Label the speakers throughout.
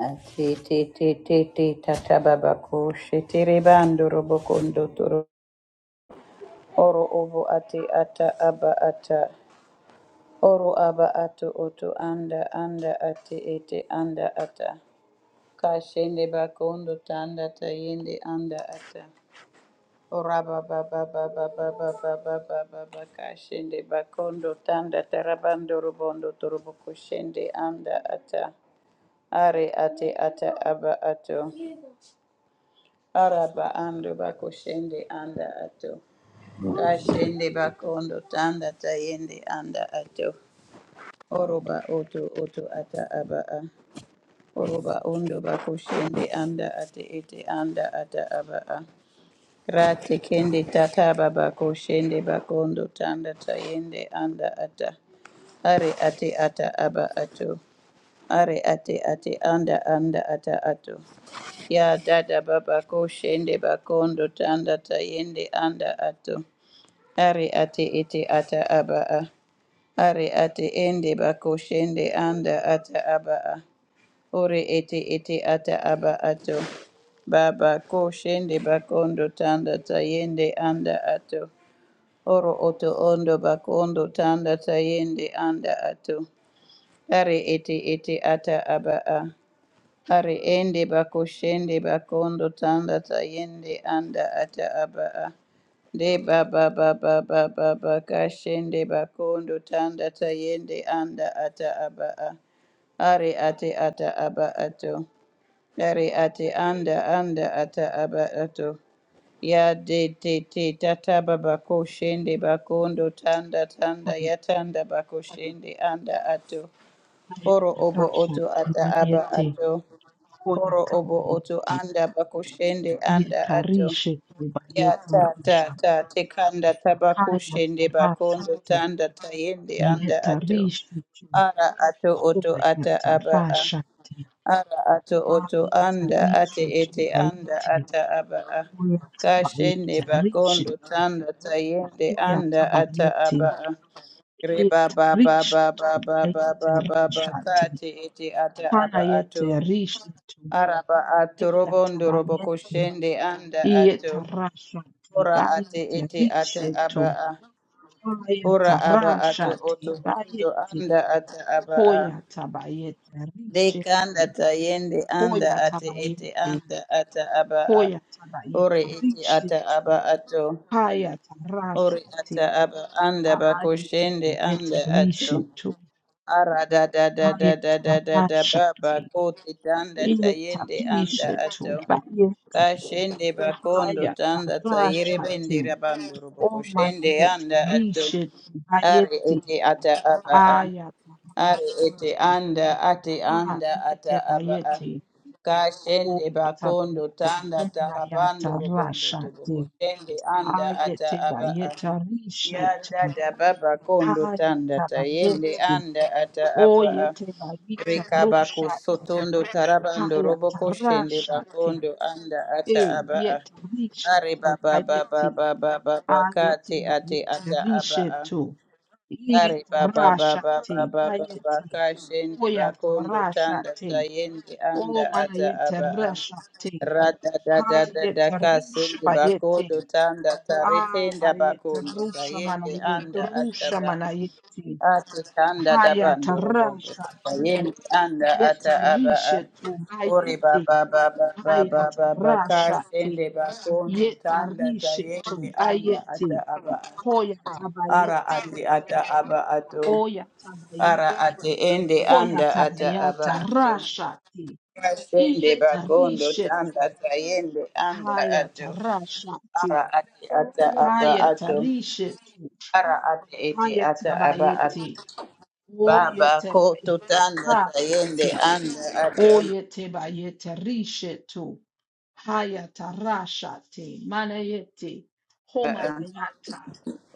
Speaker 1: Ati ti ti ti ti tata baba ko shetere bando robo toro. Oro obo ati ata aba ata. Oro aba ato oto anda anda ati ete anda ata. Kashende bakondo tanda tayende anda ata. Oraba baba baba baba baba baba baka shende bakondo tanda tarabando robondo torobo koshende anda ata. Are ate ata aba ato. Araba ando bako shende anda ato. Kashende bako ondo tanda tayende anda ato. Oroba oto oto ata aba a. Oroba ondo bako shende anda ate ete anda ata aba a. Rate kende tata baba ko shende bako ondo tanda tayende anda ata. Are ate ata aba ato. Are ate ate anda anda ata ato. Ya dada baba koshende bakondo tanda tayende anda ato. Ari ate ete ata abaa. Ari ate ende bakoshende anda ata abaa. Ore ete ete ata aba ato. Baba koshende bakondo tanda tayende anda ato. Oro oto ondo bakondo tanda tayende anda ato. Ari ete ete ata abaa. Ari ende bakoshende bakondo tanda tayende anda ata abaa. De baba baba baba bakashende bakondo tanda tayende anda ata abaa. Ari ate ata aba ato. Ari ate anda anda ata aba ato. Ya de te te tata baba koshende bakondo tanda tanda
Speaker 2: Haya
Speaker 1: ya tanda bakoshende anda ato. Oro obo
Speaker 2: hayatatasha
Speaker 1: oto ata aba
Speaker 2: timaniyete
Speaker 1: ato.
Speaker 2: hoya
Speaker 1: Oro obo oto
Speaker 2: kamaniyete
Speaker 1: anda bakushende anda ato.
Speaker 2: yetarishe tuba
Speaker 1: Ya ta ta
Speaker 2: yetarasha te
Speaker 1: ta tekanda
Speaker 2: haya
Speaker 1: tabakushende
Speaker 2: tarasha
Speaker 1: bakondo
Speaker 2: te
Speaker 1: tanda tayende anda ato.
Speaker 2: yetarishe tu
Speaker 1: Ara ato oto
Speaker 2: hoba
Speaker 1: ata aba a.
Speaker 2: yatarasha te
Speaker 1: Ara ato oto
Speaker 2: haya
Speaker 1: anda ate
Speaker 2: tarishe
Speaker 1: ete
Speaker 2: tuba
Speaker 1: anda
Speaker 2: yete
Speaker 1: ata aba a.
Speaker 2: hoya taba
Speaker 1: Kashende
Speaker 2: yetarishe
Speaker 1: bakondo
Speaker 2: tu
Speaker 1: tanda tayende
Speaker 2: hoya
Speaker 1: anda
Speaker 2: taba
Speaker 1: ata
Speaker 2: yete
Speaker 1: aba a. Reba ba ba
Speaker 2: yetarishe
Speaker 1: ba ba
Speaker 2: tuba
Speaker 1: ba ba ba ba ba
Speaker 2: yetarasha te
Speaker 1: kate ete ata
Speaker 2: hana
Speaker 1: aba ato.
Speaker 2: yetarishe tu
Speaker 1: Araba atu
Speaker 2: hoya
Speaker 1: robondo
Speaker 2: taba
Speaker 1: robo koshende anda atu
Speaker 2: Yetarasha
Speaker 1: Ora ate
Speaker 2: tibayete
Speaker 1: ete ate aba
Speaker 2: rishetu.
Speaker 1: a. Ora aba atu
Speaker 2: Hoyatarasha
Speaker 1: oto ondo
Speaker 2: tibayete.
Speaker 1: anda ate aba a.
Speaker 2: Hoyatabayete
Speaker 1: Deka
Speaker 2: rishetu.
Speaker 1: anda tayende anda ate ete
Speaker 2: Hoyatabayete.
Speaker 1: anda ate aba a. Ore
Speaker 2: Hoyatabayete
Speaker 1: ete ata
Speaker 2: rishetu.
Speaker 1: aba ato. Ore
Speaker 2: Hayatarasha ti.
Speaker 1: ata aba anda bakoshende
Speaker 2: Ayetabayete
Speaker 1: anda ato.
Speaker 2: rishetu.
Speaker 1: Ara da da da da da da da da
Speaker 2: Hayatarasha
Speaker 1: baba
Speaker 2: ti.
Speaker 1: koti tanda tayende anda
Speaker 2: Yetarishetu
Speaker 1: ato
Speaker 2: bayete.
Speaker 1: kashende bakondo tanda
Speaker 2: Hayatarasha
Speaker 1: tayerebende
Speaker 2: ti.
Speaker 1: rabando roboko shende
Speaker 2: Omanayeti,
Speaker 1: anda ato
Speaker 2: Lisheti,
Speaker 1: are
Speaker 2: Bayeti,
Speaker 1: ete ata aba a
Speaker 2: Ayatabashati,
Speaker 1: are ete anda ate anda ata
Speaker 2: Hayete
Speaker 1: aba a
Speaker 2: Bayeti,
Speaker 1: kashende
Speaker 2: Hoyata
Speaker 1: bakondo
Speaker 2: Bayeti,
Speaker 1: tanda tarabando
Speaker 2: Omanayata
Speaker 1: robondo
Speaker 2: Rashati,
Speaker 1: toboko shende anda ata
Speaker 2: Ayete
Speaker 1: aba a
Speaker 2: Bayeta Rishetu,
Speaker 1: Yada da baba kondo tanda
Speaker 2: Hayata
Speaker 1: tayende
Speaker 2: Bayeti,
Speaker 1: anda ata aba a.
Speaker 2: Oyete Bayeta
Speaker 1: Rikaba ko
Speaker 2: Rushati,
Speaker 1: sotondo tarabando
Speaker 2: Hayata
Speaker 1: roboko shende
Speaker 2: Rashati,
Speaker 1: bakondo anda ata aba a.
Speaker 2: Eyete
Speaker 1: Are
Speaker 2: Rishetu
Speaker 1: baba baba
Speaker 2: Bayeti,
Speaker 1: baba baba
Speaker 2: Ayeti
Speaker 1: kate ate
Speaker 2: bayeti
Speaker 1: ata aba
Speaker 2: rishetu.
Speaker 1: Ari
Speaker 2: Yeta
Speaker 1: baba baba
Speaker 2: rashati
Speaker 1: baba baba
Speaker 2: bayeti.
Speaker 1: kashende
Speaker 2: Koyata
Speaker 1: bakondo tanda
Speaker 2: rashati.
Speaker 1: tayende anda
Speaker 2: Omana
Speaker 1: ata
Speaker 2: yete
Speaker 1: aba a.
Speaker 2: rashati.
Speaker 1: Rada da da da da
Speaker 2: Hayete rusha
Speaker 1: kasende
Speaker 2: bayeti.
Speaker 1: bakondo tanda taretenda
Speaker 2: Amariyete
Speaker 1: bakondo
Speaker 2: rusha
Speaker 1: tayende
Speaker 2: manayeti.
Speaker 1: anda ata
Speaker 2: Rusha
Speaker 1: ba.
Speaker 2: manayeti.
Speaker 1: Ate tanda da
Speaker 2: Hayata
Speaker 1: bando robondo
Speaker 2: rashati.
Speaker 1: tayende anda
Speaker 2: Yeta
Speaker 1: ata aba a.
Speaker 2: rishetu
Speaker 1: Ori
Speaker 2: bayeti.
Speaker 1: baba baba baba
Speaker 2: Hayata
Speaker 1: baba
Speaker 2: rashati.
Speaker 1: kashende bakondo
Speaker 2: Yeta
Speaker 1: tanda
Speaker 2: rishetu
Speaker 1: tayende anda
Speaker 2: bayeti.
Speaker 1: ata aba a.
Speaker 2: Koyata
Speaker 1: Ara
Speaker 2: bayeti.
Speaker 1: ati ata aba ato.
Speaker 2: Oya
Speaker 1: Ara
Speaker 2: tabayete,
Speaker 1: ate ende
Speaker 2: oya
Speaker 1: anda ata aba
Speaker 2: tabayata,
Speaker 1: ato.
Speaker 2: rashati,
Speaker 1: Kashende
Speaker 2: iyeta
Speaker 1: bakondo tanda
Speaker 2: rishetu,
Speaker 1: tayende anda
Speaker 2: haya
Speaker 1: ato.
Speaker 2: tarashati,
Speaker 1: Ara ate ata aba
Speaker 2: haya
Speaker 1: ato.
Speaker 2: tarishetu,
Speaker 1: Ara ate ete
Speaker 2: haya
Speaker 1: ata aba ato.
Speaker 2: tabayete, oye
Speaker 1: Baba koto
Speaker 2: tebayeta,
Speaker 1: tanda tayende
Speaker 2: rashati,
Speaker 1: anda ato.
Speaker 2: oye tebayete, rishetu, haya tarashati, manayete,
Speaker 1: Aa.
Speaker 2: homanayata,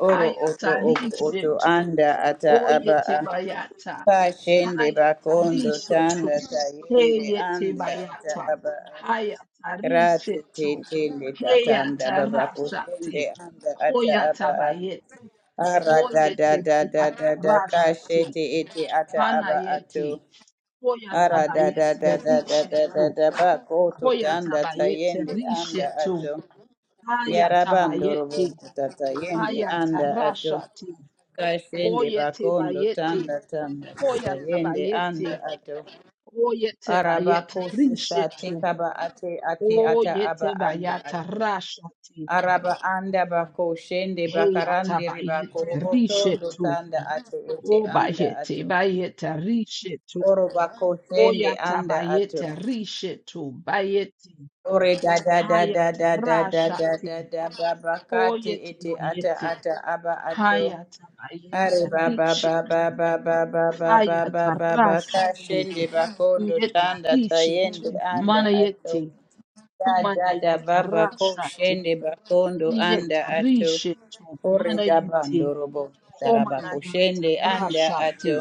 Speaker 1: Oro
Speaker 2: haya
Speaker 1: oto obo oto
Speaker 2: tarishetu,
Speaker 1: anda ata
Speaker 2: oye
Speaker 1: aba a.
Speaker 2: tebayata,
Speaker 1: Kashende
Speaker 2: Hayata
Speaker 1: bakondo
Speaker 2: rishetu.
Speaker 1: tanda tayende
Speaker 2: Heyete
Speaker 1: anda ata
Speaker 2: bayata.
Speaker 1: aba a.
Speaker 2: Hayata
Speaker 1: Rati
Speaker 2: rishetu.
Speaker 1: tete lekata anda
Speaker 2: Heyata
Speaker 1: baba kusende
Speaker 2: rashate.
Speaker 1: anda ata aba
Speaker 2: Hoyata
Speaker 1: a.
Speaker 2: bayete.
Speaker 1: ara da da
Speaker 2: Hoyete
Speaker 1: da da
Speaker 2: bayata
Speaker 1: da da
Speaker 2: rashate.
Speaker 1: kashete ete ata aba ato
Speaker 2: Hanayete. Hoyata
Speaker 1: ara da da da
Speaker 2: bayete
Speaker 1: da da da da
Speaker 2: rishetu.
Speaker 1: da ba koto
Speaker 2: Hoyata
Speaker 1: tanda
Speaker 2: bayete
Speaker 1: tayende anda
Speaker 2: rishetu.
Speaker 1: ato
Speaker 2: Hayata
Speaker 1: yarabando
Speaker 2: bayete.
Speaker 1: robongo tatayende
Speaker 2: Hayata
Speaker 1: anda ato
Speaker 2: rashate.
Speaker 1: kashende
Speaker 2: Oyete
Speaker 1: bakondo
Speaker 2: bayete.
Speaker 1: tanda tanda
Speaker 2: Hoyata
Speaker 1: tatayende
Speaker 2: bayete.
Speaker 1: anda ato
Speaker 2: O yete
Speaker 1: araba
Speaker 2: Oyetebayeta
Speaker 1: kose sate
Speaker 2: rishetu.
Speaker 1: kaba ate ate ata aba anda
Speaker 2: Oyetebayata
Speaker 1: ato
Speaker 2: rashati.
Speaker 1: Araba anda bako shende bakarande riba
Speaker 2: Heyatabayete
Speaker 1: korobotondo
Speaker 2: rishetu.
Speaker 1: tanda ato ete
Speaker 2: O
Speaker 1: anda
Speaker 2: bayete
Speaker 1: ato.
Speaker 2: bayeta rishetu.
Speaker 1: Oro bako shende anda ato.
Speaker 2: Oyatabayete rishetu. Bayeti.
Speaker 1: Ore da da da da
Speaker 2: Hayata
Speaker 1: da da da da da
Speaker 2: rashati.
Speaker 1: da baba kate ete ata
Speaker 2: Oyetebayete.
Speaker 1: ata aba ato.
Speaker 2: Hayatabayete
Speaker 1: Are baba
Speaker 2: rishetu.
Speaker 1: baba baba baba
Speaker 2: Hayata
Speaker 1: baba baba
Speaker 2: rashati.
Speaker 1: kashende bakondo
Speaker 2: Yeta
Speaker 1: tanda tayende
Speaker 2: rishetu.
Speaker 1: anda ato.
Speaker 2: Manayeti.
Speaker 1: Da da da
Speaker 2: Homanayata
Speaker 1: baba ko
Speaker 2: rashati.
Speaker 1: shende bakondo anda ato.
Speaker 2: Yetarishetu
Speaker 1: Ore da
Speaker 2: manayeti
Speaker 1: bando robo daraba ko
Speaker 2: komanayata
Speaker 1: shende anda ato.
Speaker 2: rashate.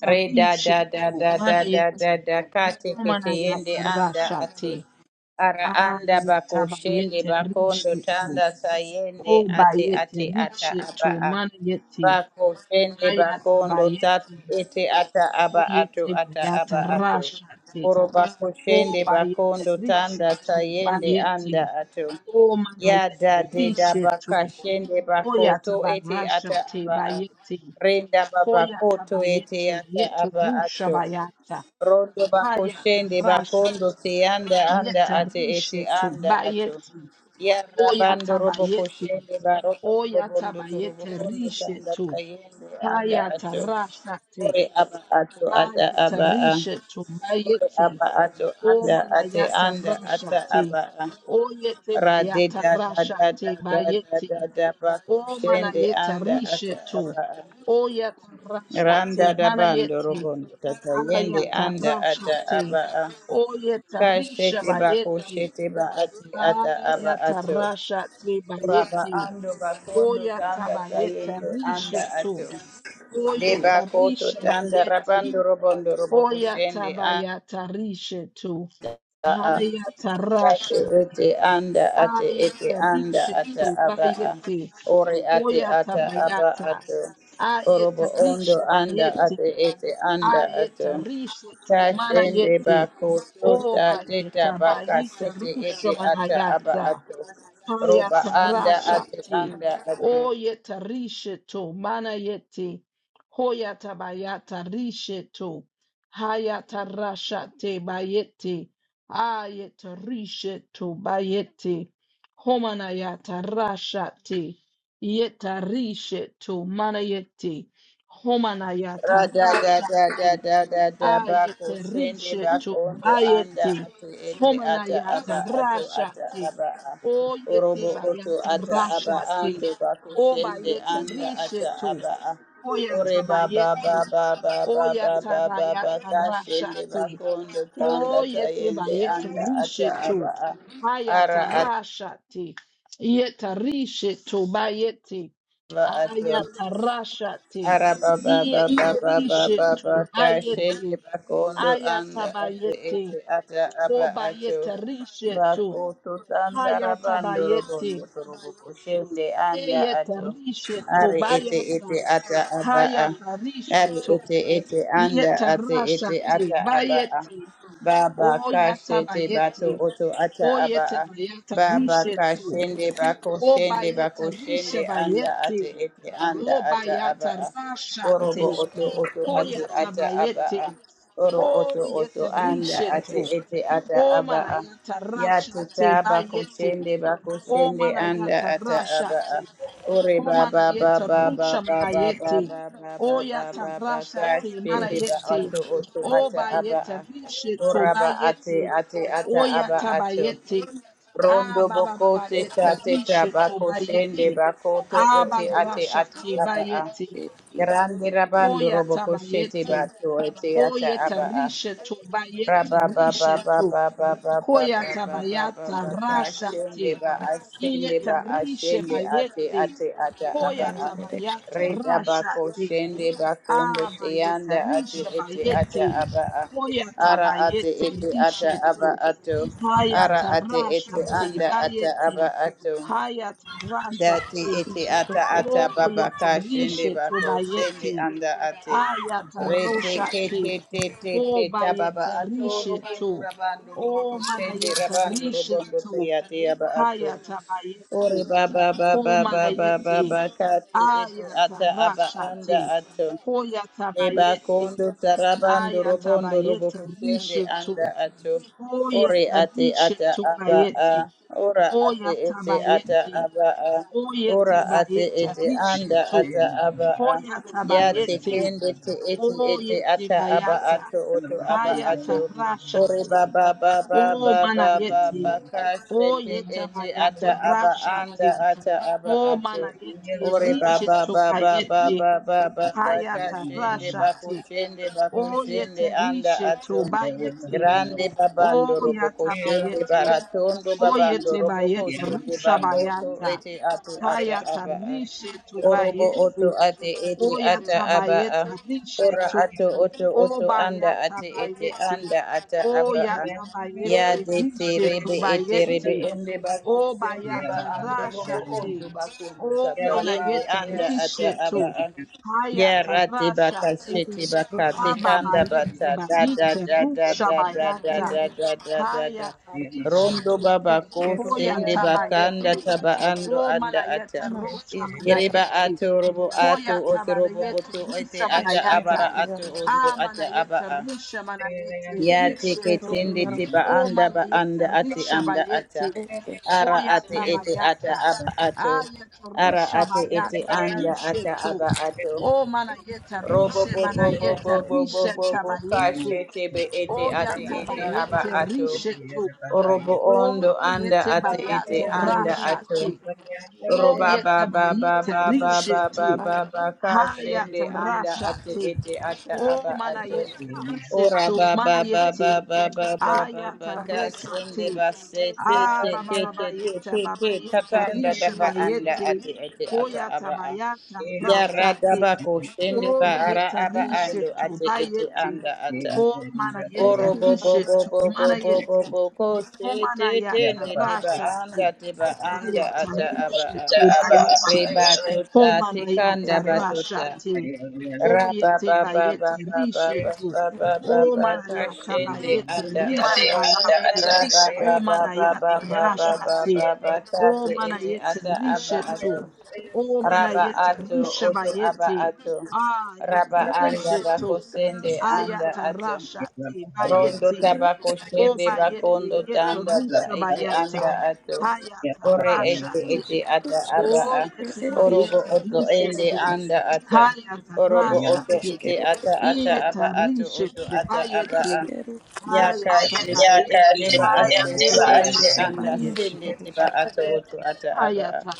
Speaker 1: Re da da da da da da
Speaker 2: manayeti
Speaker 1: da da kate kete
Speaker 2: komanayata
Speaker 1: yende anda ate
Speaker 2: rashate.
Speaker 1: ara anda bako shende
Speaker 2: Ayatabayete
Speaker 1: bakondo
Speaker 2: rishetu.
Speaker 1: tanda sayende ate
Speaker 2: Obayete
Speaker 1: ate ata aba
Speaker 2: rishetu
Speaker 1: a
Speaker 2: manayeti.
Speaker 1: bako shende bakondo tatu
Speaker 2: Ayatabayete.
Speaker 1: ete ata aba ato
Speaker 2: Oyete
Speaker 1: ata
Speaker 2: bayata
Speaker 1: aba ato
Speaker 2: rashate.
Speaker 1: oro bako shende
Speaker 2: Obayete
Speaker 1: bakondo tanda
Speaker 2: rishetu
Speaker 1: sayende
Speaker 2: bayeti.
Speaker 1: anda ato ya
Speaker 2: Omanayete
Speaker 1: da de da baka
Speaker 2: rishetu.
Speaker 1: shende bako to ete
Speaker 2: Hoyatabarasha
Speaker 1: ata
Speaker 2: te
Speaker 1: aba a
Speaker 2: bayete.
Speaker 1: Renda baba koto ete
Speaker 2: Hoyatabayete
Speaker 1: ata
Speaker 2: yeto
Speaker 1: aba
Speaker 2: rusha
Speaker 1: ato.
Speaker 2: bayata.
Speaker 1: Rondo bako shende
Speaker 2: Hayatarasha
Speaker 1: bakondo
Speaker 2: te.
Speaker 1: te anda anda ate ete
Speaker 2: Yetarishe to
Speaker 1: anda ato.
Speaker 2: bayete.
Speaker 1: Yarra bando robo ko
Speaker 2: Oyatabayete.
Speaker 1: baroto bobondo to robo
Speaker 2: Oyatabayete
Speaker 1: kondo
Speaker 2: rishe
Speaker 1: tanda
Speaker 2: to.
Speaker 1: tayende anda ato.
Speaker 2: Hayatarasha te.
Speaker 1: Ore aba ato ata aba a.
Speaker 2: Hayatarishe to
Speaker 1: Ore
Speaker 2: bayete.
Speaker 1: aba ato anda ate
Speaker 2: Omanayata
Speaker 1: anda ata
Speaker 2: rasha te.
Speaker 1: aba a.
Speaker 2: Oyete
Speaker 1: Rade
Speaker 2: bayata
Speaker 1: da da
Speaker 2: rasha
Speaker 1: da da
Speaker 2: te
Speaker 1: da da
Speaker 2: bayete.
Speaker 1: da da bako
Speaker 2: O
Speaker 1: shende
Speaker 2: manayeta
Speaker 1: anda ata
Speaker 2: rishetu.
Speaker 1: aba a.
Speaker 2: O yata
Speaker 1: Randa
Speaker 2: rashate.
Speaker 1: da bando
Speaker 2: Manayeti.
Speaker 1: robondo tata yende
Speaker 2: Ayata
Speaker 1: anda ata
Speaker 2: rashate.
Speaker 1: aba a
Speaker 2: O yata
Speaker 1: kashete
Speaker 2: risha
Speaker 1: shete ba ko
Speaker 2: bayeti.
Speaker 1: shete ba ati ata aba
Speaker 2: Ayata
Speaker 1: ato
Speaker 2: rashate
Speaker 1: raba
Speaker 2: bayeti.
Speaker 1: ando ba
Speaker 2: O yata
Speaker 1: tanda
Speaker 2: bayeta
Speaker 1: tayendo anda ato
Speaker 2: rishetu. O
Speaker 1: de ba
Speaker 2: yata risha
Speaker 1: tanda
Speaker 2: bayeti.
Speaker 1: rabando robondo
Speaker 2: O
Speaker 1: roboko
Speaker 2: yata
Speaker 1: shende anda
Speaker 2: bayata rishetu.
Speaker 1: a
Speaker 2: Ayata
Speaker 1: Atu
Speaker 2: rashate.
Speaker 1: ete anda ate ete
Speaker 2: Ayata
Speaker 1: anda ata
Speaker 2: rishetu
Speaker 1: aba a.
Speaker 2: bayeti.
Speaker 1: Ore
Speaker 2: O
Speaker 1: ate
Speaker 2: yata
Speaker 1: ata aba
Speaker 2: bayata.
Speaker 1: ato. Orobo ondo
Speaker 2: Ayetarishe
Speaker 1: anda
Speaker 2: bayete.
Speaker 1: ate ete anda ato.
Speaker 2: Ayetarishe tumana
Speaker 1: Kashende
Speaker 2: yete.
Speaker 1: bako
Speaker 2: O
Speaker 1: tota teta
Speaker 2: bayeta
Speaker 1: baka
Speaker 2: bayita
Speaker 1: sete
Speaker 2: rusho
Speaker 1: ete ata aba
Speaker 2: manayata.
Speaker 1: ato.
Speaker 2: Haya
Speaker 1: Roba anda ate
Speaker 2: tarashati.
Speaker 1: anda ato.
Speaker 2: Oye tarisheto. Mana yeti. Hoya tabayata risheto. Haya tarashate bayete. Aye tarisheto bayete. Homanayata rashate. Yeta risheto. Mana yeti. Homanayata
Speaker 1: Rada da da
Speaker 2: rashate
Speaker 1: da da da da bako
Speaker 2: ayete
Speaker 1: sende
Speaker 2: riche tu
Speaker 1: bako ndo anda
Speaker 2: bayete
Speaker 1: atu ete ata aba
Speaker 2: homenayata
Speaker 1: atu ata
Speaker 2: rashati
Speaker 1: aba a.
Speaker 2: o
Speaker 1: orobo
Speaker 2: yete
Speaker 1: oto
Speaker 2: bayata
Speaker 1: ata aba
Speaker 2: rashati
Speaker 1: ando bako
Speaker 2: o
Speaker 1: sende
Speaker 2: bayete
Speaker 1: anda
Speaker 2: riche
Speaker 1: ata
Speaker 2: tu
Speaker 1: aba a. ore
Speaker 2: oyata
Speaker 1: baba
Speaker 2: bayete
Speaker 1: baba baba
Speaker 2: oyata
Speaker 1: baba baba
Speaker 2: rayata
Speaker 1: ka sende
Speaker 2: rashati
Speaker 1: bako ndo tanda
Speaker 2: o yete
Speaker 1: tayende
Speaker 2: bayete
Speaker 1: anda ata
Speaker 2: riche
Speaker 1: aba
Speaker 2: tu
Speaker 1: a. ara
Speaker 2: hayata
Speaker 1: ata
Speaker 2: rashati yeta riche tu bayete
Speaker 1: aba ato.
Speaker 2: ayata rashati yeta riche
Speaker 1: Arabababababababa
Speaker 2: tu
Speaker 1: kashende
Speaker 2: bayete
Speaker 1: bakondo anda ate ete
Speaker 2: Ayatabayete,
Speaker 1: ata aba ato
Speaker 2: Obayete Rishetu,
Speaker 1: bako tutanda rabando robondo
Speaker 2: Hayatabayete,
Speaker 1: torobo kushende anda
Speaker 2: Eyete
Speaker 1: ato
Speaker 2: Rishetu,
Speaker 1: are ete ete
Speaker 2: Bayata,
Speaker 1: ata aba a.
Speaker 2: Hayata
Speaker 1: Ari
Speaker 2: Rishetu,
Speaker 1: ete ete anda
Speaker 2: Yete
Speaker 1: ate ete
Speaker 2: Rashate,
Speaker 1: ata aba a.
Speaker 2: Bayete,
Speaker 1: Baba kashete bato
Speaker 2: Oyatabayete,
Speaker 1: oto ata aba
Speaker 2: Oyete
Speaker 1: a.
Speaker 2: Bayata
Speaker 1: Baba
Speaker 2: Rishetu,
Speaker 1: kashende bako shende bako
Speaker 2: Obayete
Speaker 1: shende anda ate
Speaker 2: Rishabayete,
Speaker 1: ete anda ata aba
Speaker 2: Obayata
Speaker 1: a. Orobo
Speaker 2: Rashate,
Speaker 1: oto oto ate ata aba
Speaker 2: Oyatabayete,
Speaker 1: a. Oro oto oto
Speaker 2: Oyete
Speaker 1: anda ate
Speaker 2: Rishetu,
Speaker 1: ete ata
Speaker 2: O
Speaker 1: aba a.
Speaker 2: manayata
Speaker 1: Yatita
Speaker 2: rashate bayete.
Speaker 1: bakushende
Speaker 2: O
Speaker 1: bakushende anda
Speaker 2: manayata
Speaker 1: ata aba a.
Speaker 2: rashate.
Speaker 1: Ore
Speaker 2: O
Speaker 1: baba
Speaker 2: manayeta
Speaker 1: baba baba
Speaker 2: rusha
Speaker 1: baba
Speaker 2: manayete.
Speaker 1: baba
Speaker 2: O
Speaker 1: baba
Speaker 2: yata
Speaker 1: baba
Speaker 2: rashate
Speaker 1: kashete ba
Speaker 2: manayete.
Speaker 1: ato oto
Speaker 2: O
Speaker 1: ata aba
Speaker 2: bayete
Speaker 1: a.
Speaker 2: rishe to
Speaker 1: Oraba ate
Speaker 2: bayete.
Speaker 1: ate ata
Speaker 2: O
Speaker 1: aba
Speaker 2: yata
Speaker 1: ato.
Speaker 2: bayete.
Speaker 1: Rondo
Speaker 2: Ababa
Speaker 1: boko teta
Speaker 2: bayete
Speaker 1: teta
Speaker 2: rishe to
Speaker 1: bakushende
Speaker 2: bayete.
Speaker 1: bakoto
Speaker 2: Aba
Speaker 1: ete ate ata
Speaker 2: rashate
Speaker 1: aba a.
Speaker 2: bayete.
Speaker 1: Grande
Speaker 2: O
Speaker 1: rabando robo
Speaker 2: yata
Speaker 1: koshete
Speaker 2: bayete.
Speaker 1: bato ete
Speaker 2: O
Speaker 1: ata
Speaker 2: yeta
Speaker 1: aba a.
Speaker 2: rishe to bayete rishe to. Koyata bayata
Speaker 1: Ashende
Speaker 2: rashati.
Speaker 1: ba ashende
Speaker 2: Iyeta
Speaker 1: ba
Speaker 2: rishe
Speaker 1: ashende ate
Speaker 2: bayete.
Speaker 1: ate ata aba a
Speaker 2: Koyata bayata
Speaker 1: reda ba
Speaker 2: rashati.
Speaker 1: koshende ba kondo
Speaker 2: Abayeta
Speaker 1: teyanda ate
Speaker 2: rishe
Speaker 1: ete ata
Speaker 2: bayete.
Speaker 1: aba a
Speaker 2: Koyata
Speaker 1: ara ate
Speaker 2: bayete
Speaker 1: ete ata
Speaker 2: rishe
Speaker 1: aba
Speaker 2: tu.
Speaker 1: ato ara
Speaker 2: Hayata
Speaker 1: ate ete
Speaker 2: rashati
Speaker 1: anda ata
Speaker 2: bayete.
Speaker 1: aba ato
Speaker 2: Hayata
Speaker 1: Dati
Speaker 2: rashati.
Speaker 1: ete ata ata baba
Speaker 2: Oyeta
Speaker 1: kashende shende
Speaker 2: rishe tu
Speaker 1: bako sende
Speaker 2: bayete.
Speaker 1: anda ate.
Speaker 2: Ayata
Speaker 1: Rete
Speaker 2: roshate.
Speaker 1: kete te te te te
Speaker 2: O
Speaker 1: ta baba
Speaker 2: bayeta
Speaker 1: ato rubandu
Speaker 2: risheto.
Speaker 1: rabandu rubuko
Speaker 2: O
Speaker 1: shende
Speaker 2: manayeta
Speaker 1: rabandu rubondo te
Speaker 2: risheto.
Speaker 1: ate aba ato.
Speaker 2: Hayata
Speaker 1: Ore
Speaker 2: bayeti.
Speaker 1: baba baba
Speaker 2: O
Speaker 1: baba
Speaker 2: manayete.
Speaker 1: baba ka te ete
Speaker 2: Ayata
Speaker 1: ata aba anda
Speaker 2: rashate.
Speaker 1: ato.
Speaker 2: Hoyata
Speaker 1: Leba
Speaker 2: bayete.
Speaker 1: kondo tarabando
Speaker 2: Ayata
Speaker 1: robondo robo
Speaker 2: bayete
Speaker 1: kusende
Speaker 2: risheto.
Speaker 1: anda ato. Ore
Speaker 2: Oyeta
Speaker 1: ate ata
Speaker 2: risheto
Speaker 1: aba a.
Speaker 2: bayete.
Speaker 1: Ora ate
Speaker 2: Oyata
Speaker 1: ete ata
Speaker 2: bayete.
Speaker 1: aba a. Ora
Speaker 2: Oyete
Speaker 1: ate
Speaker 2: bayete
Speaker 1: ete anda
Speaker 2: risheto.
Speaker 1: ata aba a.
Speaker 2: Hoyata
Speaker 1: Ya te
Speaker 2: bayete.
Speaker 1: kende te ete
Speaker 2: O
Speaker 1: ete
Speaker 2: yeti
Speaker 1: ata aba
Speaker 2: bayata.
Speaker 1: ato oto aba ato.
Speaker 2: Hayata
Speaker 1: Ore
Speaker 2: rashati.
Speaker 1: baba baba
Speaker 2: O mana
Speaker 1: baba baba
Speaker 2: yeti.
Speaker 1: kashe
Speaker 2: O
Speaker 1: te
Speaker 2: yeta
Speaker 1: ete
Speaker 2: bayata
Speaker 1: ata aba anda
Speaker 2: rashati.
Speaker 1: ata aba
Speaker 2: O
Speaker 1: ato.
Speaker 2: mana yeti.
Speaker 1: Ore
Speaker 2: Rishe
Speaker 1: baba
Speaker 2: to
Speaker 1: baba
Speaker 2: bayeti.
Speaker 1: baba baba baka
Speaker 2: Hayata
Speaker 1: shende bako
Speaker 2: rashati.
Speaker 1: shende
Speaker 2: O
Speaker 1: bako shende
Speaker 2: yete
Speaker 1: anda
Speaker 2: rishe
Speaker 1: ato.
Speaker 2: to bayeti.
Speaker 1: Grande babando
Speaker 2: O
Speaker 1: roboko
Speaker 2: yata
Speaker 1: shende
Speaker 2: bayeti.
Speaker 1: baratondo
Speaker 2: O
Speaker 1: babando
Speaker 2: yete
Speaker 1: roboko
Speaker 2: bayeti.
Speaker 1: shende
Speaker 2: Rusha
Speaker 1: bakoto
Speaker 2: bayata.
Speaker 1: ete ate ata
Speaker 2: Hayata
Speaker 1: aba a.
Speaker 2: rishe to
Speaker 1: Orobo oto
Speaker 2: bayeti.
Speaker 1: ate ete ata aba a.
Speaker 2: Oyatabayeta
Speaker 1: Ora
Speaker 2: rishetu.
Speaker 1: ato oto oto anda ate ete
Speaker 2: Obayatabayeti.
Speaker 1: anda ata aba a. Ya
Speaker 2: Oyatabayeti
Speaker 1: de te
Speaker 2: rishetu
Speaker 1: rebe ete rebe
Speaker 2: bayeti.
Speaker 1: ende bako ba
Speaker 2: Obayata
Speaker 1: ando robo
Speaker 2: rashati.
Speaker 1: ondo bakundo tata yende
Speaker 2: Omanayeta
Speaker 1: anda ata
Speaker 2: rishetu.
Speaker 1: aba a. Ya
Speaker 2: Hayata
Speaker 1: rate baka
Speaker 2: rashati.
Speaker 1: shete baka te kanda
Speaker 2: Hababayeti
Speaker 1: bata da da
Speaker 2: bayite
Speaker 1: da da da da da
Speaker 2: rushabayata.
Speaker 1: da da da da da.
Speaker 2: Hayata
Speaker 1: Rondo
Speaker 2: rishetu.
Speaker 1: baba ko sende bakanda
Speaker 2: Oyatabayeti.
Speaker 1: taba ando anda ata.
Speaker 2: Omanayeta
Speaker 1: Yereba
Speaker 2: rushamanayeti.
Speaker 1: ato robo ato
Speaker 2: Hoyata
Speaker 1: otorobo
Speaker 2: manayete
Speaker 1: oto ete
Speaker 2: rusa
Speaker 1: ata
Speaker 2: manayata.
Speaker 1: abara ato ondo ata aba
Speaker 2: Amanayete
Speaker 1: a.
Speaker 2: risha manayete
Speaker 1: Ya teke
Speaker 2: rishetu.
Speaker 1: tende te ba
Speaker 2: O
Speaker 1: anda ba
Speaker 2: manayete
Speaker 1: anda ate
Speaker 2: risha
Speaker 1: anda ata.
Speaker 2: bayete.
Speaker 1: Ara ate
Speaker 2: Hoyata
Speaker 1: ete ata
Speaker 2: bayata.
Speaker 1: aba ato.
Speaker 2: Ayete
Speaker 1: Ara
Speaker 2: rusha
Speaker 1: ate ete
Speaker 2: bayata
Speaker 1: anda ata
Speaker 2: rishetu.
Speaker 1: aba ato.
Speaker 2: O manayete
Speaker 1: Robo
Speaker 2: rishe
Speaker 1: bo bo bo
Speaker 2: manayete
Speaker 1: bo bo bo
Speaker 2: rishe
Speaker 1: bo bo
Speaker 2: tabayete.
Speaker 1: kashe tebe ete ate
Speaker 2: Oyata
Speaker 1: ete aba
Speaker 2: bayete
Speaker 1: ato.
Speaker 2: rishetu.
Speaker 1: Orobo
Speaker 2: O
Speaker 1: ondo anda
Speaker 2: yete
Speaker 1: ate ete
Speaker 2: bayata
Speaker 1: anda ato.
Speaker 2: rashate. O
Speaker 1: Roba ba
Speaker 2: yete
Speaker 1: ba ba
Speaker 2: bayete
Speaker 1: ba ba ba
Speaker 2: rishetu.
Speaker 1: ba ba ba ka shende anda ate
Speaker 2: Hayatarashate.
Speaker 1: ete ata
Speaker 2: O
Speaker 1: aba ato.
Speaker 2: manayete
Speaker 1: Ora
Speaker 2: risetu
Speaker 1: ba ba ba
Speaker 2: manayete.
Speaker 1: ba ba ba ba ba ba ka shende
Speaker 2: Ayataroshate.
Speaker 1: ba se te
Speaker 2: Ah
Speaker 1: te
Speaker 2: baba
Speaker 1: te te
Speaker 2: baba
Speaker 1: te
Speaker 2: yeta
Speaker 1: te te
Speaker 2: baba yeta
Speaker 1: tatanda da
Speaker 2: risha
Speaker 1: ba anda
Speaker 2: bayete.
Speaker 1: ate ete ata
Speaker 2: Hoyata
Speaker 1: aba a.
Speaker 2: bayata
Speaker 1: Ya ra
Speaker 2: rashate.
Speaker 1: ba ko shende ba
Speaker 2: O
Speaker 1: ara
Speaker 2: yeta
Speaker 1: aba ando
Speaker 2: risetu
Speaker 1: ate ete
Speaker 2: bayete.
Speaker 1: anda ata.
Speaker 2: O manayeta
Speaker 1: Oro bo bo bo
Speaker 2: risetu
Speaker 1: bo bo bo bo
Speaker 2: manayete.
Speaker 1: bo ko
Speaker 2: O
Speaker 1: se te te
Speaker 2: manayata
Speaker 1: nde te ba
Speaker 2: rashate.
Speaker 1: anda te ba anda ata aba
Speaker 2: Ayatarishe
Speaker 1: a.
Speaker 3: ta aba
Speaker 2: tobayete.
Speaker 3: ata
Speaker 1: Reba
Speaker 3: ete te
Speaker 1: tikanda
Speaker 2: Homanayata
Speaker 1: batuta.
Speaker 2: rashate.
Speaker 1: Raba
Speaker 2: Oyete
Speaker 1: ba ba
Speaker 2: bayete
Speaker 1: ba ba ba
Speaker 2: rishe
Speaker 1: ba
Speaker 2: to.
Speaker 1: ba ba ba ba
Speaker 3: ata
Speaker 2: Omanayata
Speaker 1: kashende
Speaker 2: bayete
Speaker 1: anda
Speaker 2: rishe
Speaker 1: ata.
Speaker 2: bayete.
Speaker 3: ata
Speaker 1: Raba ba ba ba ba
Speaker 2: Omanayata
Speaker 1: ba ba ba
Speaker 2: rashate.
Speaker 1: ba ba tate ete
Speaker 2: Omanayete
Speaker 1: ata aba
Speaker 2: rishe
Speaker 1: ato.
Speaker 2: to.
Speaker 1: Raba
Speaker 2: Omanayete
Speaker 1: ato
Speaker 2: rishe
Speaker 1: oto aba
Speaker 2: bayete.
Speaker 1: ato.
Speaker 2: Ayete
Speaker 1: Raba anda
Speaker 2: rishe
Speaker 1: bako
Speaker 2: to.
Speaker 1: anda
Speaker 2: Ayata
Speaker 1: ato.
Speaker 2: rashate
Speaker 1: Rondo
Speaker 2: bayete.
Speaker 1: tabako
Speaker 2: O
Speaker 1: shende
Speaker 2: bayete
Speaker 1: bakondo
Speaker 2: yeto
Speaker 1: tanda ta
Speaker 2: rusha
Speaker 1: ete anda
Speaker 2: bayata.
Speaker 1: ato.
Speaker 2: Hayata
Speaker 1: Ore ete ete
Speaker 2: rashate.
Speaker 1: ata aba
Speaker 2: O
Speaker 1: a.
Speaker 2: yete
Speaker 1: Orobo
Speaker 2: bayete
Speaker 1: oto ende
Speaker 2: rishetu.
Speaker 1: anda ata.
Speaker 2: Hayata
Speaker 1: Orobo oto
Speaker 2: rashate.
Speaker 1: ete ata ata aba
Speaker 2: Iyeta
Speaker 1: ato oto
Speaker 2: rishetu
Speaker 1: ata aba a.
Speaker 2: bayete.
Speaker 1: Yaka
Speaker 2: Hayata
Speaker 3: ya
Speaker 1: shete
Speaker 3: ka
Speaker 1: ende
Speaker 2: bayete.
Speaker 3: te
Speaker 1: ba
Speaker 3: ya te
Speaker 1: ashete
Speaker 2: O
Speaker 1: ende
Speaker 2: yete
Speaker 1: anda
Speaker 2: bayete.
Speaker 1: sende tiba ato oto ata aba a.
Speaker 2: Hayata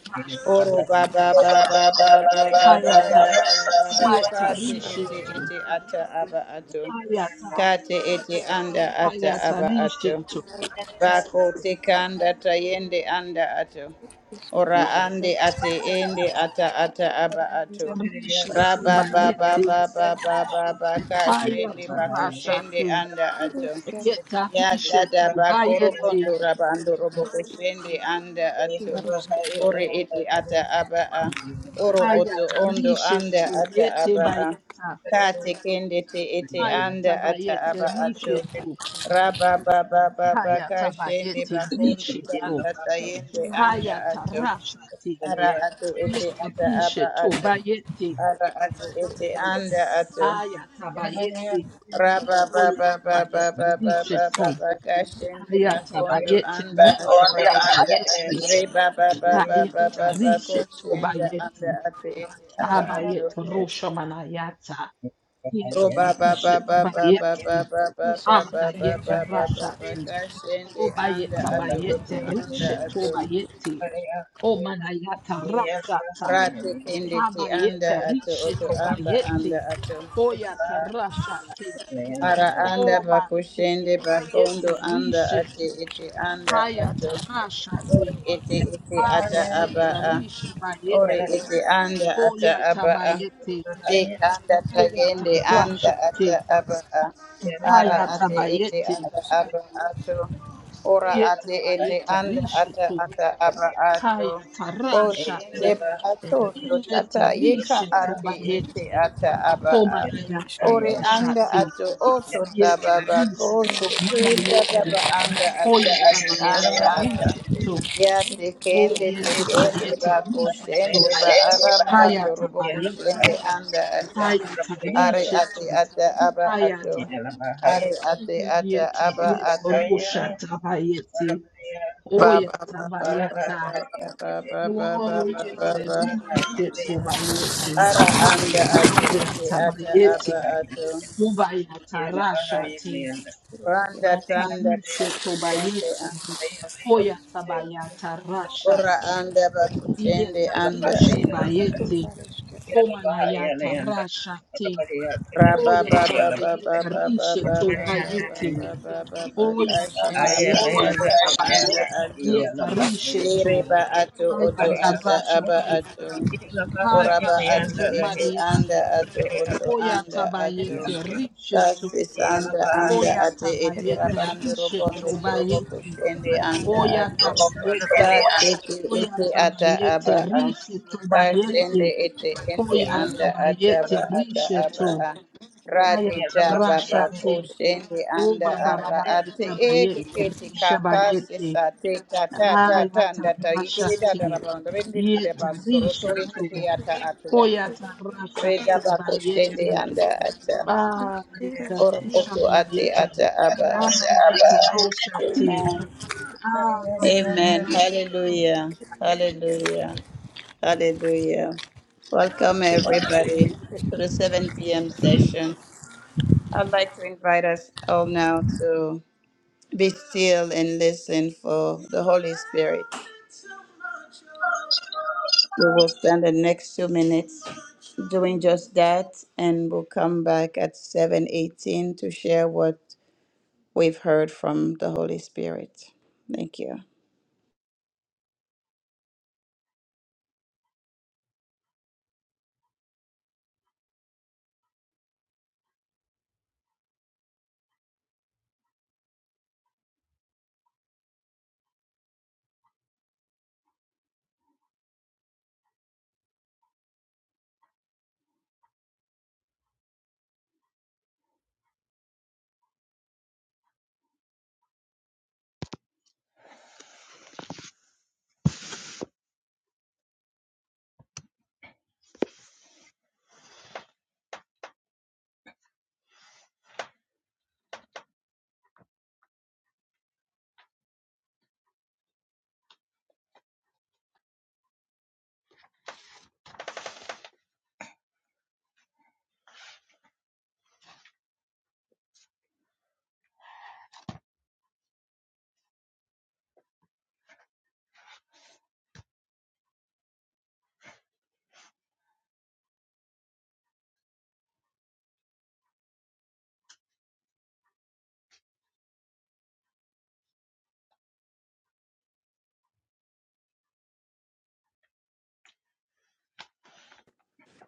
Speaker 3: ba
Speaker 1: Oro
Speaker 2: rashate.
Speaker 1: ba ba ba
Speaker 3: ata
Speaker 1: ba
Speaker 3: ba
Speaker 1: ba
Speaker 3: ba
Speaker 1: ba
Speaker 3: ba ba
Speaker 1: ba ba
Speaker 3: ba ba ba
Speaker 1: ba
Speaker 2: Hayata.
Speaker 1: ba
Speaker 3: ba
Speaker 1: ba
Speaker 3: ba
Speaker 1: ba ba.
Speaker 2: Iyeta
Speaker 3: ba
Speaker 1: Kate ete
Speaker 2: rishetu.
Speaker 1: ete ata aba ato.
Speaker 2: Hayata.
Speaker 1: Kati eti anda ata
Speaker 2: Hayata
Speaker 1: aba ato.
Speaker 2: rishetu.
Speaker 1: Bako tika anda tayende anda ato. Ora ande ate ende ata ata aba ato.
Speaker 2: Rishetu
Speaker 1: Raba ba ba
Speaker 2: bayete.
Speaker 1: ba ba ba ba ba ka shende
Speaker 2: Hayata
Speaker 1: bako shende
Speaker 2: rashate.
Speaker 1: anda ato. Ya
Speaker 2: Yetarishe
Speaker 1: dada
Speaker 2: tu bayeti.
Speaker 1: bakorobondo rabando robokoshende anda ato. Ore ete ata abaa. Oro oto ondo
Speaker 2: Hayatarishe
Speaker 1: anda
Speaker 2: tu
Speaker 1: ata
Speaker 2: yete
Speaker 1: abaa.
Speaker 2: bayata.
Speaker 1: Ka tekende te ete anda ata
Speaker 2: Hayatabayete
Speaker 1: aba ato.
Speaker 2: rishe tu.
Speaker 1: Raba baba baba kashende
Speaker 2: Hayatabayete
Speaker 1: bakondo
Speaker 2: rishe tu.
Speaker 1: tanda tayende anda ato.
Speaker 2: Hayatarashati.
Speaker 1: Ara ate ete ata aba
Speaker 2: Yetarishe tu
Speaker 1: ato.
Speaker 2: bayeti.
Speaker 1: Ara ate ete anda ato.
Speaker 2: Hayatabayete.
Speaker 1: Raba ba ba ba ba
Speaker 2: Oyetabayete
Speaker 1: ba
Speaker 2: rishe tu.
Speaker 1: bakondo
Speaker 2: Hayatabayete
Speaker 3: ba
Speaker 1: anda
Speaker 3: ko
Speaker 1: ato.
Speaker 2: rishe
Speaker 3: anda
Speaker 2: tu
Speaker 3: anda ate
Speaker 2: bayeti.
Speaker 1: Re
Speaker 3: ya
Speaker 1: ba ba ba
Speaker 2: Hayatarishe tu
Speaker 1: koshende anda
Speaker 2: bayeti.
Speaker 1: ate ete aba ato.
Speaker 2: Abayete rusho manayata.
Speaker 1: Ro ba ba ba
Speaker 2: Yerarisha
Speaker 1: ba ba ba ba
Speaker 2: tubayeti,
Speaker 1: ba
Speaker 2: amanayeta rashati,
Speaker 1: anda
Speaker 2: obayeta
Speaker 1: ato oto
Speaker 2: bayete
Speaker 1: anda
Speaker 2: risha
Speaker 1: ato.
Speaker 2: tobayeti, omanayata rashata,
Speaker 1: Rate kende te anda
Speaker 2: habayete
Speaker 1: ato
Speaker 2: risha
Speaker 1: oto amba anda
Speaker 2: tobayeti,
Speaker 1: ato.
Speaker 2: oyata rashati,
Speaker 1: Ara anda
Speaker 2: obayete
Speaker 1: bakoshende bakondo
Speaker 2: bayete
Speaker 1: anda
Speaker 2: risha
Speaker 1: ate
Speaker 2: tu,
Speaker 1: ete anda ato.
Speaker 2: hayata rashati,
Speaker 1: Ore ete ete ata aba
Speaker 2: abayete
Speaker 1: a.
Speaker 2: risha
Speaker 1: Ore
Speaker 2: bayeti,
Speaker 1: ete anda ata
Speaker 2: oyata
Speaker 1: aba a.
Speaker 2: bayeti,
Speaker 1: De kanda
Speaker 2: eyata
Speaker 1: tayende anda
Speaker 2: rashati,
Speaker 1: ata aba a. Ara
Speaker 2: hayata
Speaker 1: ate ete
Speaker 2: bayeti,
Speaker 1: ata aba ato. Ora ate ete anda ata
Speaker 2: Yetabayetarishetu.
Speaker 1: ata aba ato. Kosende
Speaker 2: Hayatarashate.
Speaker 1: ba ato ndo tata yeka
Speaker 2: Yetarishetu
Speaker 1: ate ete
Speaker 2: bayete.
Speaker 1: ata aba a. Ore anda
Speaker 2: Homanayatarashate.
Speaker 1: ato oto tababa
Speaker 2: Yetarisetu
Speaker 1: koshe kenda
Speaker 2: malayeti.
Speaker 1: taba anda ate ete
Speaker 3: ate ete
Speaker 1: anda
Speaker 3: anda ate
Speaker 1: ata.
Speaker 2: Hoyatabayatarishetu.
Speaker 1: Ya tekende tekende ba
Speaker 3: ba
Speaker 2: Oyetabayetarishetu.
Speaker 1: koshende ba aramba ndorobo
Speaker 2: Hayatabayeti.
Speaker 1: koshende anda ata are ate
Speaker 2: Hayatarishetu.
Speaker 1: ata aba ato
Speaker 2: Hayata.
Speaker 1: are ate ata
Speaker 2: Yeti.
Speaker 1: aba ato
Speaker 2: Yetorushatabayeti.
Speaker 1: ba ba ba ba ba
Speaker 2: Oyatabayata.
Speaker 1: ba ba ba ba ba ba ba
Speaker 2: Glorious
Speaker 1: ba
Speaker 2: Elisha Tobayeti,
Speaker 1: ara anda ate
Speaker 2: Aya
Speaker 1: ete ata aba
Speaker 2: Tabayeti,
Speaker 1: ato
Speaker 2: Ubaya Tarashati,
Speaker 1: randa
Speaker 2: Oya
Speaker 1: tanda ba
Speaker 2: Tarisha
Speaker 1: koshende
Speaker 2: Tobayeti,
Speaker 1: anda ato
Speaker 2: Oya Tabaya
Speaker 1: ora
Speaker 2: Tarashati,
Speaker 1: anda ba
Speaker 2: Iya
Speaker 1: koshende anda
Speaker 2: Tarishi
Speaker 1: ato
Speaker 2: Bayeti, Homanaya Tarashati, Oya Tabayeti, Risha Tobayeti, Oya
Speaker 1: Kashende ba
Speaker 2: Tabayeti,
Speaker 1: oto anda ato.
Speaker 2: Iya Tarisha
Speaker 1: Yere
Speaker 2: To,
Speaker 1: ato oto
Speaker 2: Aya
Speaker 1: ata aba
Speaker 2: Tarashati,
Speaker 1: ato. Oraba ato
Speaker 2: Harashate
Speaker 1: ete
Speaker 2: Marieti,
Speaker 1: anda ato oto
Speaker 2: Koyata
Speaker 1: anda ato.
Speaker 2: bayete richetu.
Speaker 1: Tasis anda anda
Speaker 2: Koyata
Speaker 1: ate ete
Speaker 2: bayete
Speaker 1: rabando
Speaker 2: richetu
Speaker 1: robondo trobo
Speaker 2: bayeti.
Speaker 1: kushende anda
Speaker 2: Oyata
Speaker 1: ato.
Speaker 2: bayeti.
Speaker 1: Ka sete ete
Speaker 2: Koyata
Speaker 1: ata
Speaker 2: bayete
Speaker 1: aba a.
Speaker 2: richetu
Speaker 1: Ka
Speaker 2: bayeti.
Speaker 1: sende ete ende
Speaker 2: Koyata
Speaker 1: anda
Speaker 2: bayete
Speaker 1: ataba ata aba
Speaker 2: richetu.
Speaker 1: a. Radi
Speaker 2: Hayata
Speaker 1: ta baba
Speaker 2: rashate.
Speaker 1: ko sende anda
Speaker 2: Oba baba
Speaker 1: ara ate
Speaker 2: bayete
Speaker 1: e
Speaker 2: bayete
Speaker 1: kekete ka
Speaker 2: risha
Speaker 1: ka se
Speaker 2: bayete.
Speaker 1: sa te ta ta ta ta
Speaker 2: Ayata
Speaker 1: nda ta yikiri da da
Speaker 2: rashate.
Speaker 1: raba rendi ndire ba
Speaker 2: Yeta
Speaker 1: to
Speaker 2: rishetu.
Speaker 1: yikiti ata ate
Speaker 2: Koyata
Speaker 1: Reda
Speaker 2: rashate
Speaker 1: ba sende
Speaker 2: bayete.
Speaker 1: anda ata.
Speaker 2: Ah, yete
Speaker 1: Oro
Speaker 2: rusha
Speaker 1: koto
Speaker 2: mana
Speaker 1: ate
Speaker 2: yete.
Speaker 1: ata aba a.
Speaker 3: ata
Speaker 2: Amana
Speaker 3: aba
Speaker 2: yete rosha te.
Speaker 1: Amen.
Speaker 2: Ah, rosha. te.
Speaker 1: Amen. Hallelujah. Hallelujah. Hallelujah. Welcome, everybody, to the 7 p.m. session. I'd like to invite us all now to be still and listen for the Holy Spirit. We will spend the next two minutes doing just that, and we'll come back at 7:18 to share what we've heard from the Holy Spirit. Thank you.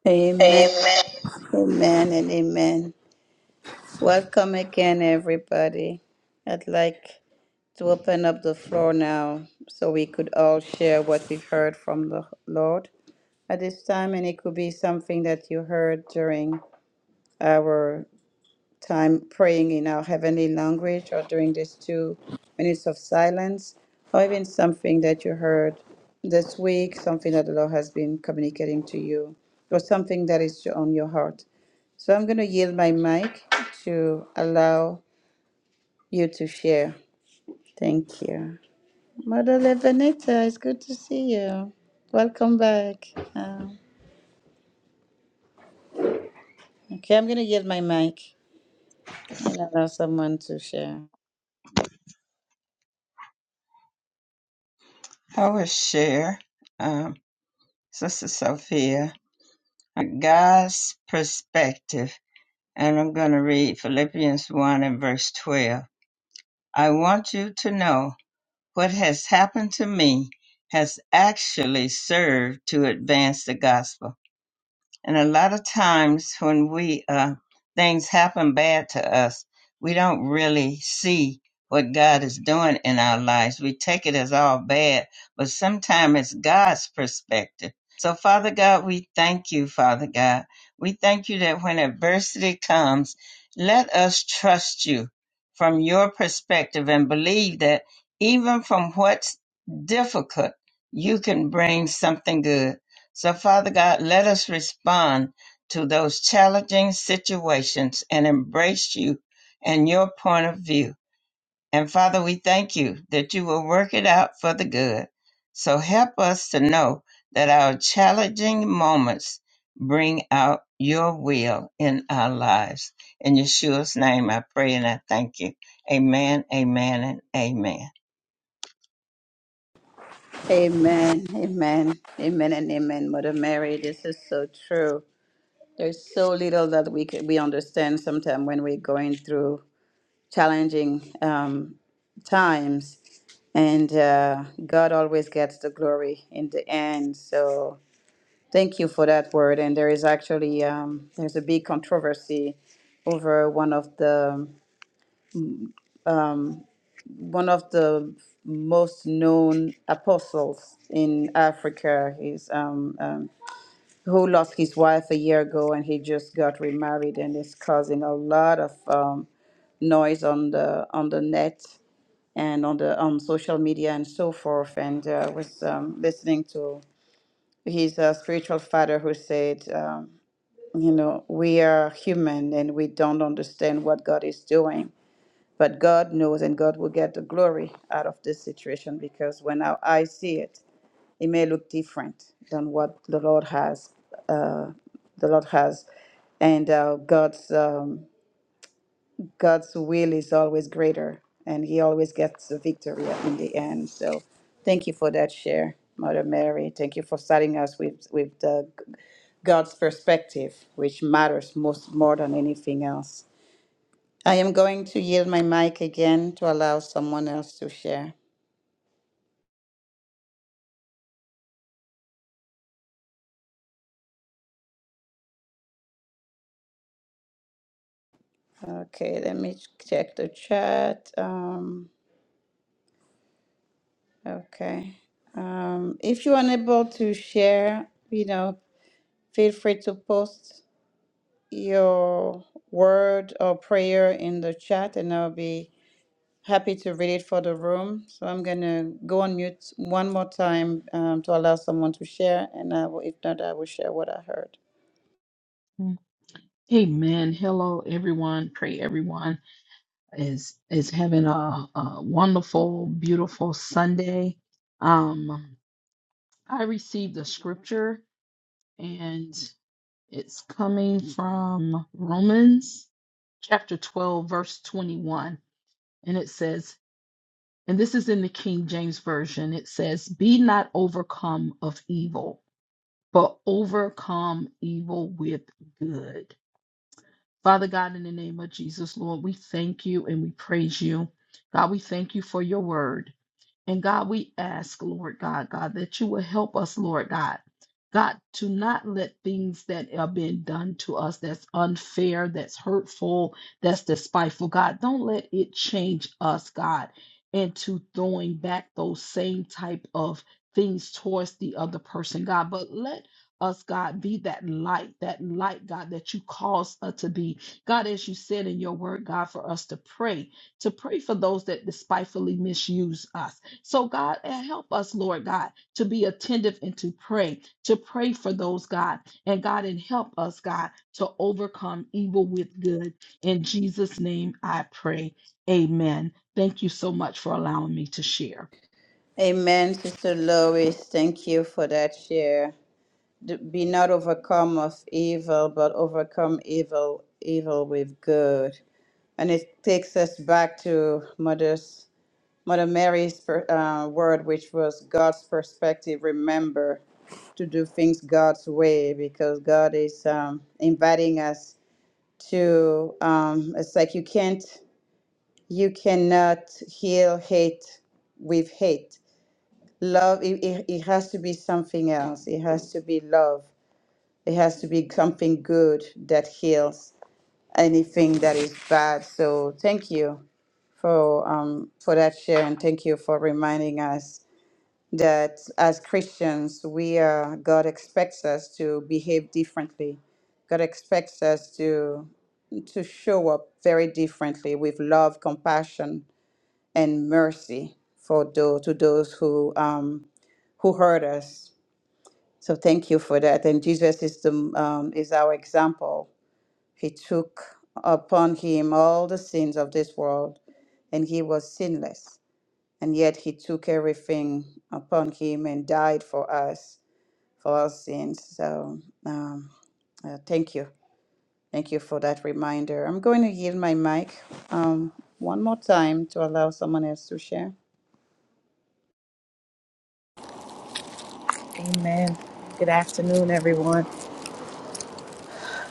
Speaker 1: Amen.
Speaker 3: amen
Speaker 1: Amen and amen. Welcome again, everybody. I'd like to open up the floor now so we could all share what we've heard from the Lord at this time. And it could be something that you heard during our time praying in our heavenly language or during these two minutes of silence, or even something that you heard this week, something that the Lord has been communicating to you, or something that is on your heart. So I'm going to yield my mic to allow you to share. Thank you. Mother Levanita, it's good to see you. Welcome back. Um, okay, I'm going to yield my mic and allow someone to share. Amen, amen, amen, and amen, Mother Mary. This is so true. There's so little that we can, we understand sometimes when we're going through challenging um, times, and uh, God always gets the glory in the end. So Thank you for that word. And there is actually um, there's a big controversy over one of the one of the most known apostles in Africa. He's um, um, who lost his wife a year ago, and he just got remarried, and it's causing a lot of um, noise on the on the net and on the on social media and so forth. And uh, was um, listening to his uh, spiritual father who said. Um, You know, we are human and we don't understand what God is doing, but God knows and God will get the glory out of this situation because when our eyes see it, it may look different than what the Lord has. Uh, the Lord has, and uh, God's um, God's will is always greater and he always gets the victory in the end. So thank you for that share, Mother Mary. Thank you for starting us with, with the, God's perspective, which matters most more than anything else. I am going to yield my mic again to allow someone else to share. Okay, let me check the chat. Um, okay. Um, if you're unable to share, you know, feel free to post your word or prayer in the chat, and I'll be happy to read it for the room. So I'm going to go on mute one more time um, to allow someone to share, and I will, if not, I will share what I heard.
Speaker 2: Mm. Amen. Hello, everyone. Pray everyone is is uh, all say. Um, I received the scripture, and it's coming from Romans chapter 12, verse twenty-one, and it says, and this is in the King James version. It says, "Be not overcome of evil, but overcome evil with good." Father God, in the name of Jesus, Lord, we thank you and we praise you. God, we thank you for your word. And God, we ask, Lord God, God, that you will help us, Lord God. God, to not let things that are being done to us that's unfair, that's hurtful, that's despiteful, God, don't let it change us, God, into throwing back those same type of things towards the other person, God. But let us, God, be that light, that light, God, that you cause us to be. God, as you said in your word, God, for us to pray, to pray for those that despitefully misuse us so, God, uh, help us, Lord God, to be attentive and to pray, to pray for those, God. And God, and help us, God, to overcome evil with good. In Jesus' name I pray. Amen. Thank you so much for allowing me to share.
Speaker 1: Amen, Sister Lois. Thank you for that share. D- Be not overcome of evil, but overcome evil evil with good. And it takes us back to Mother's Mother Mary's per- uh, word, which was God's perspective, remember to do things God's way because God is um, inviting us to. Um, it's like you can't, you cannot heal hate with hate. Love, it, it, it has to be something else. It has to be love. It has to be something good that heals anything that is bad. So thank you for um, for that share and thank you for reminding us that as Christians, we are, God expects us to behave differently. God expects us to, to show up very differently with love, compassion, and mercy for those, to those who, um, who hurt us. So thank you for that. And Jesus is, the, um, is our example. He took upon him all the sins of this world, and he was sinless. And yet he took everything upon him and died for us for our sins. So um, uh, thank you. Thank you for that reminder. I'm going to yield my mic um, one more time to allow someone else to share.
Speaker 4: Amen. Good afternoon, everyone.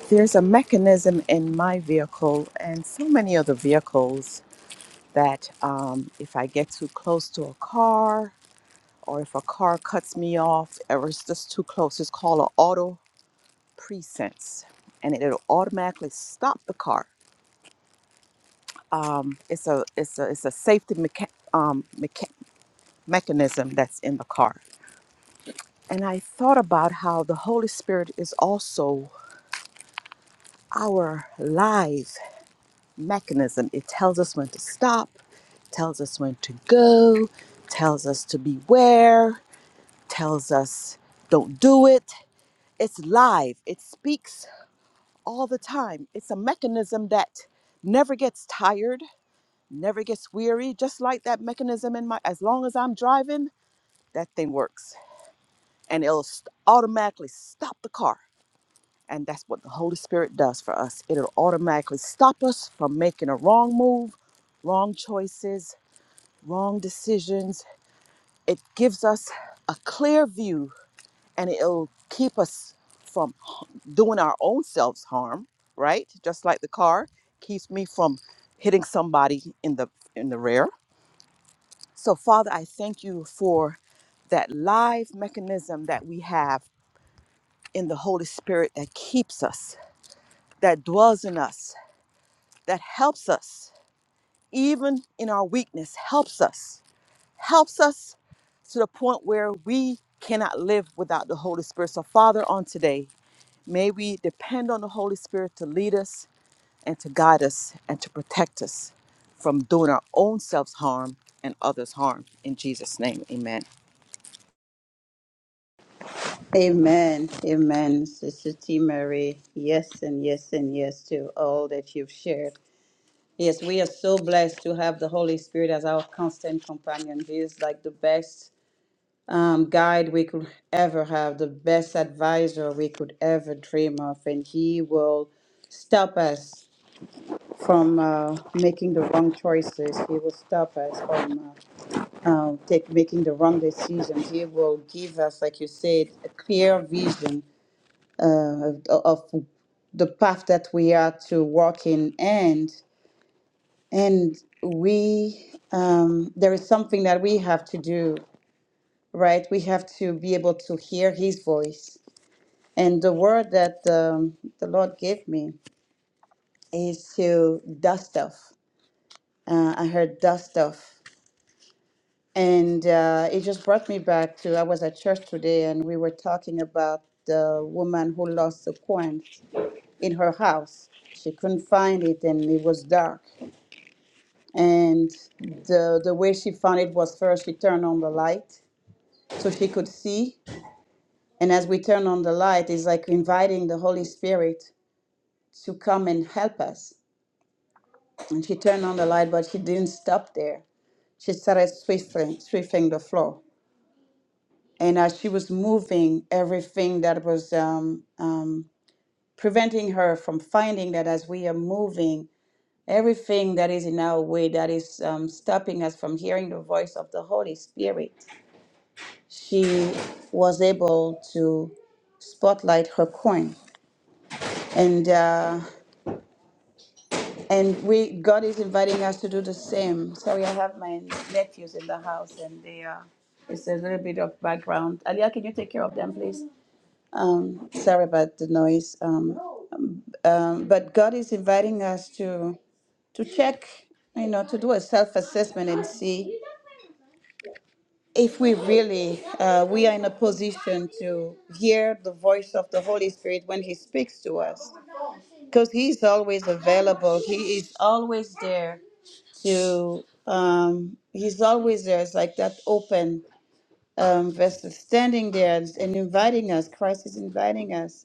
Speaker 4: There's a mechanism in my vehicle and so many other vehicles that um, if I get too close to a car or if a car cuts me off or it's just too close, it's called an auto presense and it'll automatically stop the car. Um, it's a it's a it's a safety mecha- um, mecha- mechanism that's in the car. And I thought about how the Holy Spirit is also our lives mechanism. It tells us when to stop, tells us when to go, tells us to beware, tells us don't do it. It's live, it speaks all the time. It's a mechanism that never gets tired, never gets weary, just like that mechanism in my, as long as I'm driving, that thing works and it'll st- automatically stop the car. And that's what the Holy Spirit does for us. It'll automatically stop us from making a wrong move, wrong choices, wrong decisions. It gives us a clear view and it'll keep us from doing our own selves harm, right? Just like the car keeps me from hitting somebody in the in the rear. So Father, I thank you for that live mechanism that we have in the Holy Spirit that keeps us, that dwells in us, that helps us even in our weakness, helps us helps us to the point where we cannot live without the Holy Spirit. So, Father, on today, may we depend on the Holy Spirit to lead us and to guide us and to protect us from doing our own selves harm and others harm. In Jesus' name, amen.
Speaker 1: Amen. Amen. Sister T. Mary, yes and yes and yes to all that you've shared. Yes, we are so blessed to have the Holy Spirit as our constant companion. He is like the best um, guide we could ever have, the best advisor we could ever dream of, and He will stop us from uh, making the wrong choices. He will stop us from uh, um, take making the wrong decisions. He will give us, like you said, a clear vision uh, of, of the path that we are to walk in, and and we um, there is something that we have to do, right? We have to be able to hear His voice. And the word that um, the Lord gave me is to dust off. Uh, I heard dust off And uh, it just brought me back to I was at church today and we were talking about the woman who lost the coin in her house. She couldn't find it and it was dark. And the, the way she found it was first she turned on the light so she could see. And as we turn on the light, it's like inviting the Holy Spirit to come and help us. And she turned on the light, but she didn't stop there. She started sweeping sweeping the floor. and as she was moving everything that was um, um, preventing her from finding that as we are moving everything that is in our way that is um, stopping us from hearing the voice of the holy spirit she was able to spotlight her coin and uh, and we god is inviting us to do the same sorry i have my nephews in the house and they are it's a little bit of background. Alia, can you take care of them, please? Um, sorry about the noise. Um, um, but God is inviting us to to check, you know, to do a self assessment and see if we really uh, we are in a position to hear the voice of the Holy Spirit when He speaks to us, because He's always available. He is always there to. Um, he's always there. It's like that open um, vessel standing there and inviting us. Christ is inviting us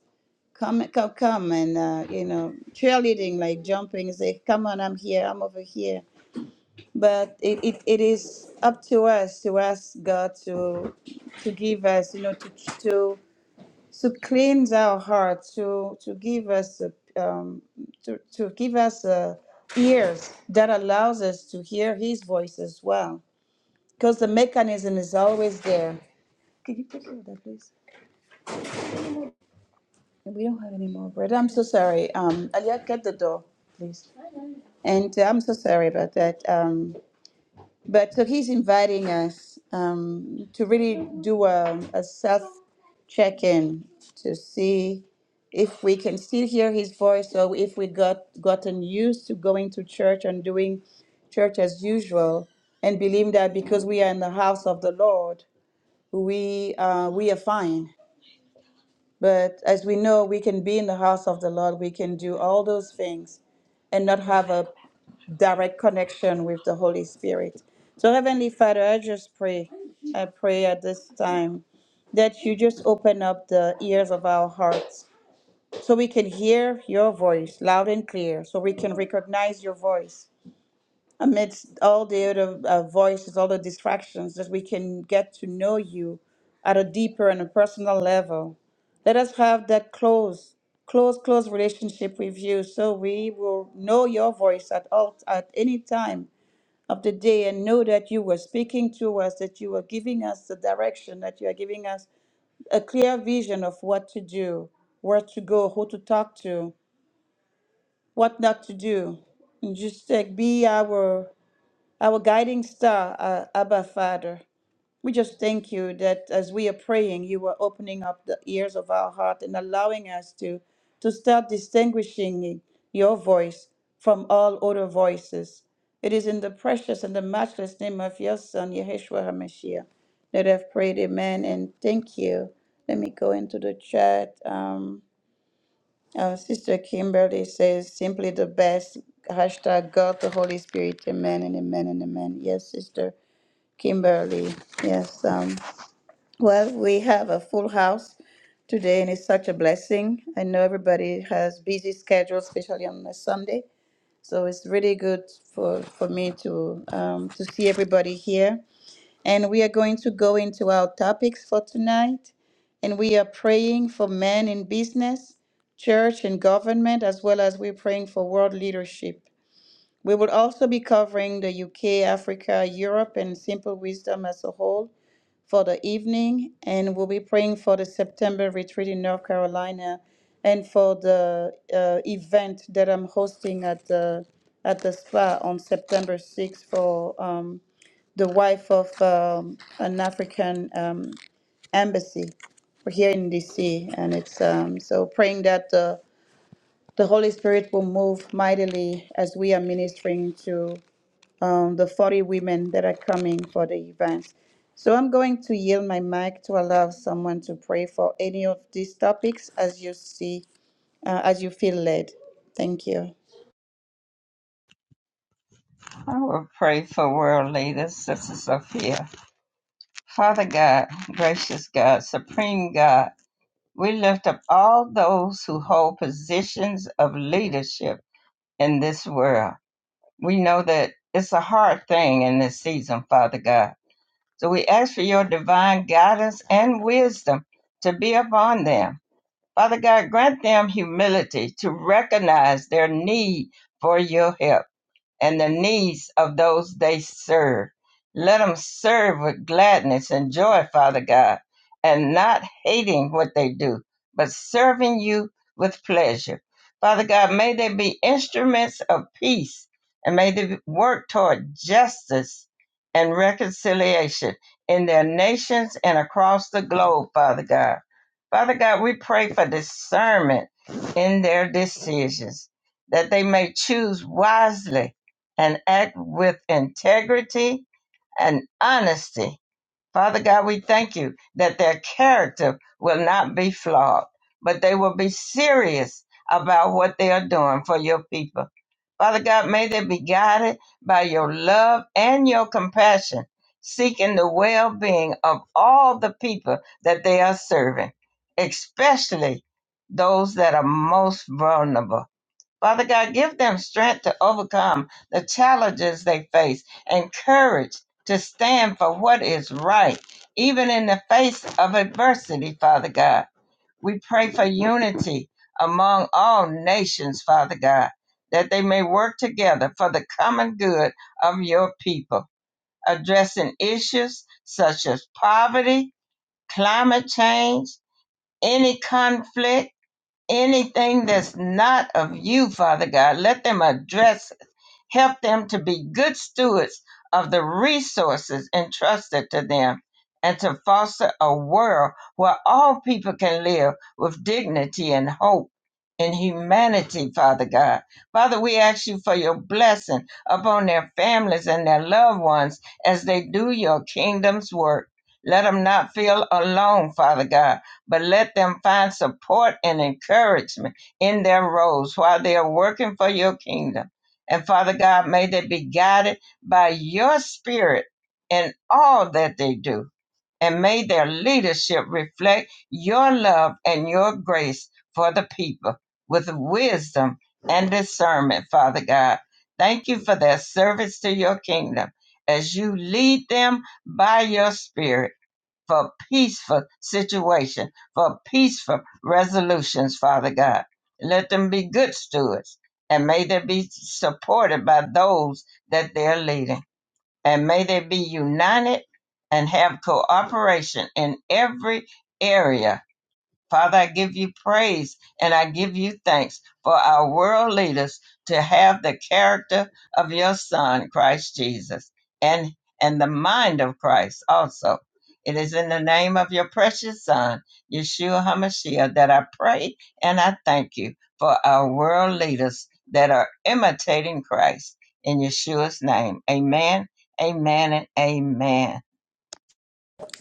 Speaker 1: come, come, come, and uh, you know, cheerleading, like jumping, say, come on, I'm here, I'm over here. But it, it, it is up to us to ask God to to give us, you know, to to to cleanse our heart, to to give us a, um, to to give us a ears that allows us to hear His voice as well, because the mechanism is always there. Can you take care of that, please? We don't have any more bread. I'm so sorry. Um, Alia, get the door, please. And uh, I'm so sorry about that. Um, but so he's inviting us um, to really do a, a self check in to see if we can still hear his voice or if we got gotten used to going to church and doing church as usual and believe that because we are in the house of the Lord, we uh, we are fine. But as we know, we can be in the house of the Lord. We can do all those things and not have a direct connection with the Holy Spirit. So, Heavenly Father, I just pray, I pray at this time that you just open up the ears of our hearts so we can hear your voice loud and clear, so we can recognize your voice amidst all the other uh, voices, all the distractions, that we can get to know you at a deeper and a personal level. Let us have that close, close, close relationship with you so we will know your voice at all at any time of the day and know that you were speaking to us, that you were giving us the direction, that you are giving us a clear vision of what to do, where to go, who to talk to, what not to do. And just like be our our guiding star, uh, Abba Father. We just thank you that as we are praying, you are opening up the ears of our heart and allowing us to, to start distinguishing your voice from all other voices. It is in the precious and the matchless name of your Son, Yeshua HaMashiach, that I've prayed, Amen, and thank you. Let me go into the chat. Um, uh, Sister Kimberly says, simply the best. Hashtag God, the Holy Spirit. Amen and amen and amen. Yes, Sister Kimberly. Yes. Um, well, we have a full house today, and it's such a blessing. I know everybody has busy schedules, especially on a Sunday. So it's really good for, for me to um, to see everybody here. And we are going to go into our topics for tonight. And we are praying for men in business, church, and government, as well as we're praying for world leadership. We will also be covering the UK, Africa, Europe, and Simple Wisdom as a whole for the evening, and we'll be praying for the September retreat in North Carolina and for the uh, event that I'm hosting at the at the spa on September 6th for um, the wife of um, an African um, embassy We're here in DC, and it's um, so praying that the the Holy Spirit will move mightily as we are ministering to um, the 40 women that are coming for the events. So I'm going to yield my mic to allow someone to pray for any of these topics as you see, uh, as you feel led. Thank you.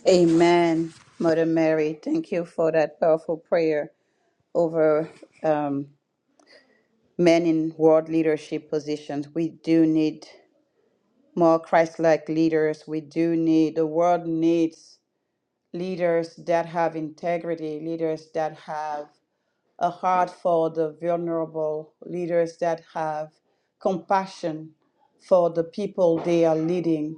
Speaker 1: Amen. Mother Mary, thank you for that powerful prayer over um, men in world leadership positions. We do need more Christ like leaders. We do need, the world needs leaders that have integrity, leaders that have a heart for the vulnerable, leaders that have compassion for the people they are leading,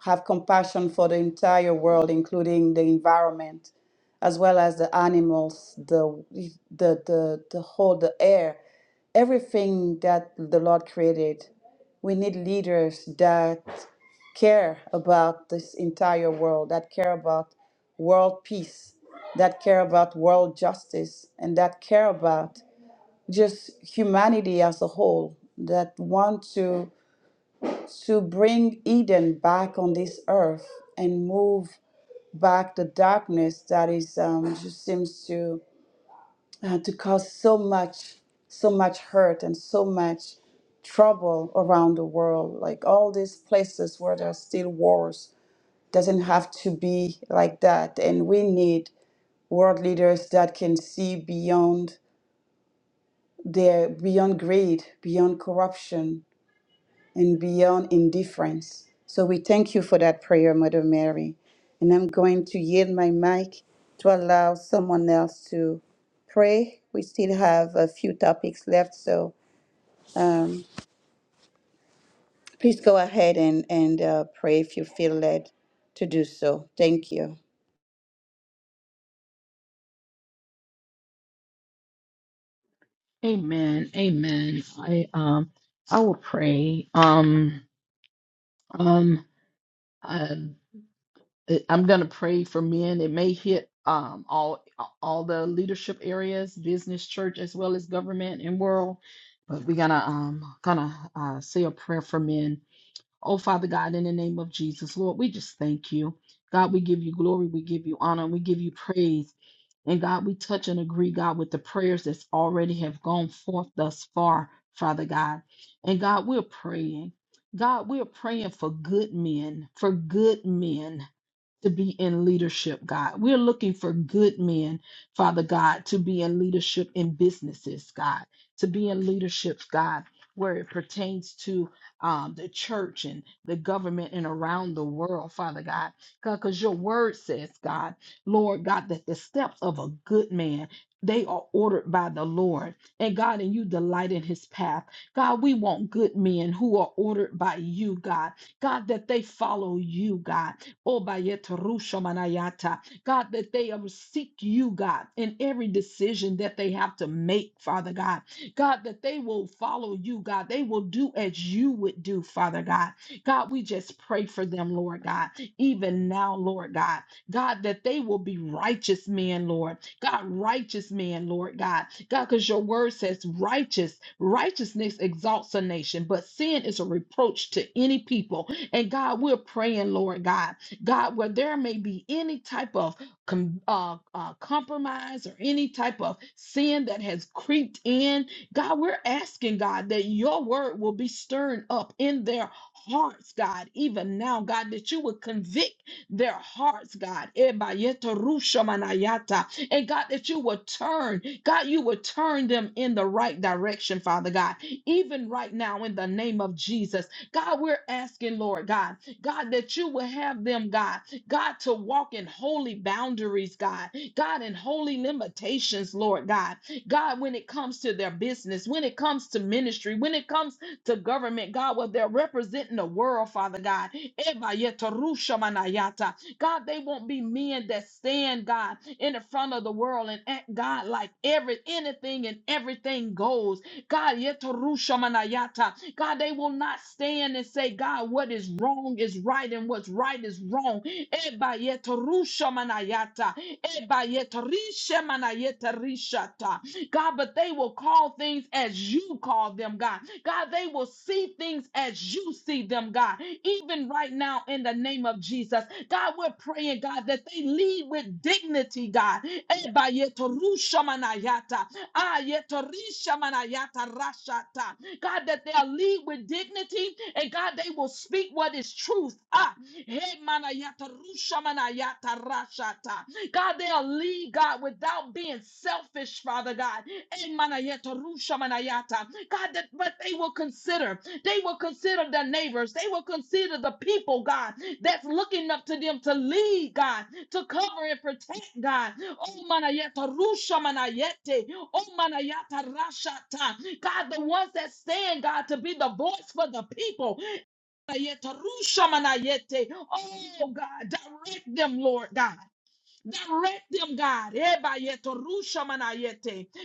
Speaker 1: have compassion for the entire world, including the environment, as well as the animals, the the the, the whole the air, everything that the Lord created. We need leaders that care about this entire world, that care about world peace, that care about world justice, and that care about just humanity as a whole, that want to to bring Eden back on this earth and move back the darkness that is um, just seems to uh, to cause so much so much hurt and so much trouble around the world like all these places where there are still wars doesn't have to be like that and we need world leaders that can see beyond their beyond greed beyond corruption and beyond indifference. So we thank you for that prayer, Mother Mary. And I'm going to yield my mic to allow someone else to pray. We still have a few topics left, so um, please go ahead and, and uh, pray if you feel led to do so. Thank you.
Speaker 2: Amen. Amen. I um I will pray. Um um uh, I- I'm going to pray for men. It may hit um, all all the leadership areas, business, church, as well as government and world. But we're gonna um gonna uh, say a prayer for men. Oh Father God, in the name of Jesus, Lord, we just thank you. God, we give you glory, we give you honor, and we give you praise. And God, we touch and agree, God, with the prayers that's already have gone forth thus far, Father God. And God, we're praying. God, we're praying for good men, for good men to be in leadership, God. We're looking for good men, Father God, to be in leadership in businesses, God, to be in leadership, God, where it pertains to um, the church and the government and around the world, Father God. God, Because your word says, God, Lord God, that the steps of a good man. They are ordered by the Lord. And God, and you delight in his path. God, we want good men who are ordered by you, God God, that they follow you, God. Oh, Bayet Rusha manayata. God, that they um, seek you, God, in every decision that they have to make, Father God. God, that they will follow you, God. They will do as you would do, Father God. God, we just pray for them, Lord God, even now, Lord God. God, that they will be righteous men, Lord. God, righteous men, Lord God. God, because your word says righteous, righteousness exalts a nation, but sin is a reproach to any people. And God, we're praying, Lord God, God, where there may be any type of com- uh, uh, compromise or any type of sin that has creeped in, God, we're asking, God, that your word will be stirring up in their hearts, God, even now, God, that you would convict their hearts, God. Ebayeta rusha And God, that you would turn, God, you would turn them in the right direction, Father God, even right now in the name of Jesus. God, we're asking, Lord God, God, that you will have them, God, God, to walk in holy boundaries, God, God, in holy limitations, Lord God, God, when it comes to their business, when it comes to ministry, when it comes to government, God, where they're representing the world, Father God. Eba yeta manayata. God, they won't be men that stand, God, in the front of the world and act, God, like every anything and everything goes. God, yetarusha manayata. God, they will not stand and say, God, what is wrong is right and what's right is wrong. Ebayetarushamanayata, ebayetarishamanayetarisha. God, but they will call things as you call them, God. God, they will see things as you see them, God. Even right now, in the name of Jesus, God, we're praying, God, that they lead with dignity, God. Ebayetarishamanayata, ayetarishamanayata rashata. God, that they'll lead with dignity, and God, they will speak what is truth. Ah, Hey, manayata, rusha manayata, rashata. God, they'll lead, God, without being selfish, Father God. Hey, manayata, rusha manayata. God, that but they will consider, they will consider their neighbors, they will consider the people, God, that's looking up to them to lead, God, to cover and protect, God. Oh, manayata, rusha manayete. Oh, manayata, rashata. God, the ones that stand, God, to be the voice for the people. Oh, God, direct them, Lord God. Direct them, God.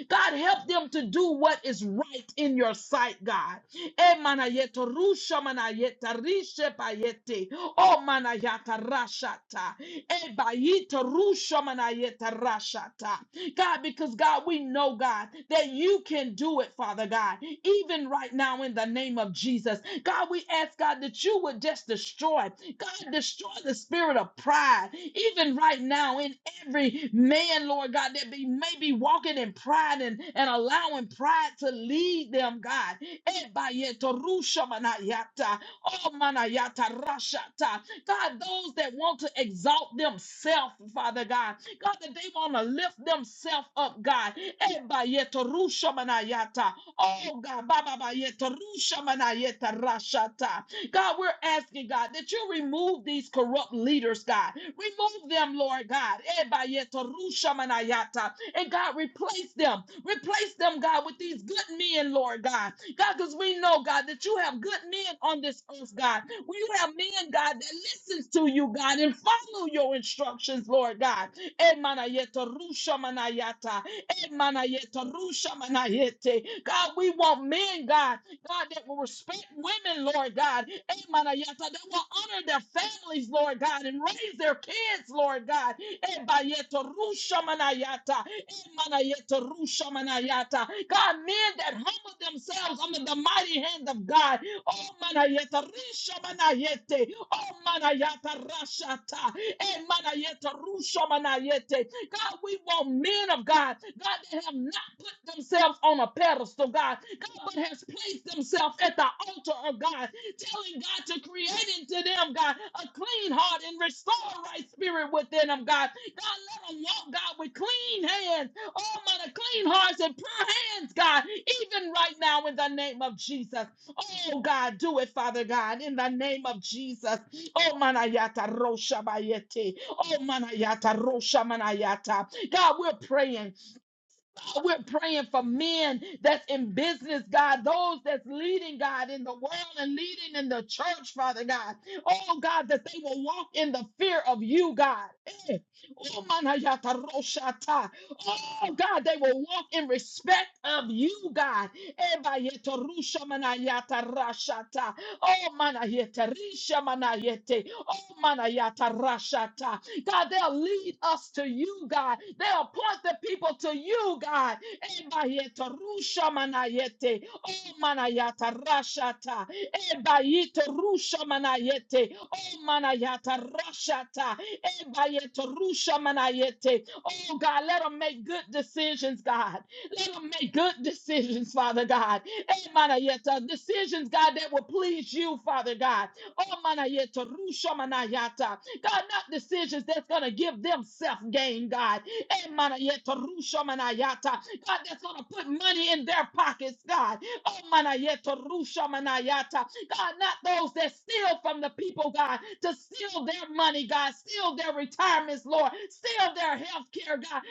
Speaker 2: God, help them to do what is right in your sight, God. Oh Emanayetarushamanayetarishebayete. Oh, manayatarashata. Ebayetarushamanayetarashata. God, because God, we know, God, that you can do it, Father God, even right now in the name of Jesus. God, we ask, God, that you would just destroy, God, destroy the spirit of pride, even right now in every man, Lord God, that be, may be walking in pride and, and allowing pride to lead them, God. Ebayeto rusha oh manayata rashata. God, those that want to exalt themselves, Father God, God, that they want to lift themselves up, God. Eh, Oh, God, God, we're asking, God, that you remove these corrupt leaders, God. Remove them, Lord God. Eh, And God, replace them. Replace them, God, with these good men, Lord God. God, because we know, God, that you have good men on this earth, God. We have men, God, that listens to you, God, and follow your instructions, Lord God. Emanayeta rusha manayata. Emanayeta rusha manayete. God, we want men, God, God, that will respect women, Lord God. Emanayeta, that will honor their families, Lord God, and raise their kids, Lord God. Ebayeta rusha manayata. Manayata, Rusha Manayata. God, men that humble themselves under the mighty hand of God. Oh Manayata, Risha Manayete. Oh Manayata, Rashata. And Manayata, Rusha Manayete. God, we want men of God. God, that have not put themselves on a pedestal, God. God, but has placed themselves at the altar of God, telling God to create into them, God, a clean heart and restore right spirit within them, God. God, let them walk, God, with clean hands. Oh, my, clean hearts and pure hands, God, even right now in the name of Jesus. Oh, God, do it, Father God, in the name of Jesus. Oh, manayata rosha bayete. Oh, manayata rosha manayata. God, we're praying. We're praying for men that's in business, God, those that's leading, God, in the world and leading in the church, Father God. Oh, God, that they will walk in the fear of you, God. Eh. Oh, manayataroshata. Oh, God, they will walk in respect of you, God. Ebayetorusha manayatarashata. Oh, manayetarisha manayete. Oh, manayatarashata. God, they'll lead us to you, God. They'll point the people to you, God. Ebayeta rusha manayete. Oh, manayata rashata. Ebayete rusha manayete. O manayata rashata. Ebayete rusha manayete. Oh, God, let them make good decisions, God. Let them make good decisions, Father God. Eh, manayeta. Decisions, God, that will please you, Father God. Oh, manayeta rusha manayata. God, not decisions that's going to give them self gain, God. Eh, mana yeta rusha mana God, that's going to put money in their pockets, God. Oh, mana yeta rusha mana God, not those that steal from the people, God, to steal their money, God, steal their retirements, Lord, steal their health care, God.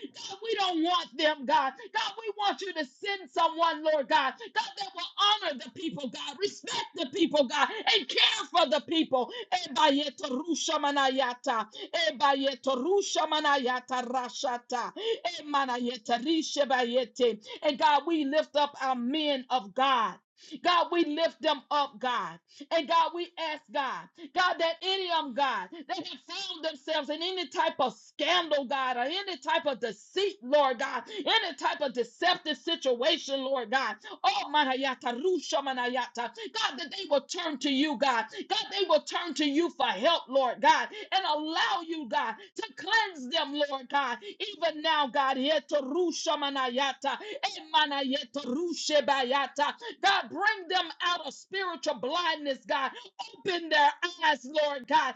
Speaker 2: We don't want them, God. God, we want you to send someone, Lord God. God, that will honor the people, God, respect the people, God, and care for the people. Ebayetorusha manayata. Ebayetorusha manayata rashata. Emanayetarisha bayete. And God, we lift up our men of God. God, we lift them up, God. And God, we ask God, God, that any of them, God, that have found themselves in any type of scandal, God, or any type of deceit, Lord God, any type of deceptive situation, Lord God. Oh, manayata, rusha manayata. God, that they will turn to you, God. God, they will turn to you for help, Lord God, and allow you, God, to cleanse them, Lord God. Even now, God, yeto rusha manayata, emanayeta rushe bayata. God, bring them out of spiritual blindness, God. Open their eyes, Lord God.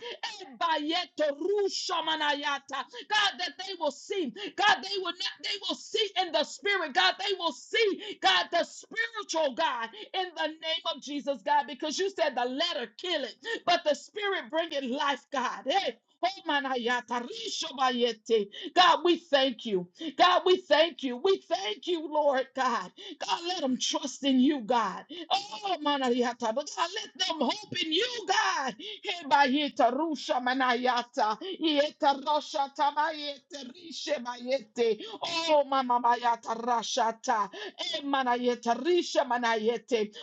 Speaker 2: God, that they will see. God, they will not, they will see in the spirit. God, they will see, God, the spiritual God in the name of Jesus, God, because you said the letter kill it, but the spirit bring it life, God. Hey. God, we thank you. God, we thank you. We thank you, Lord God. God, let them trust in you, God. Oh, manayata. But God, let them hope in you, God. Heba Hebayeta rusha manayata. Yeta rasha tamayete rishe mayete. Oh, mama mayata rashata. Eh, manayeta risha manayete.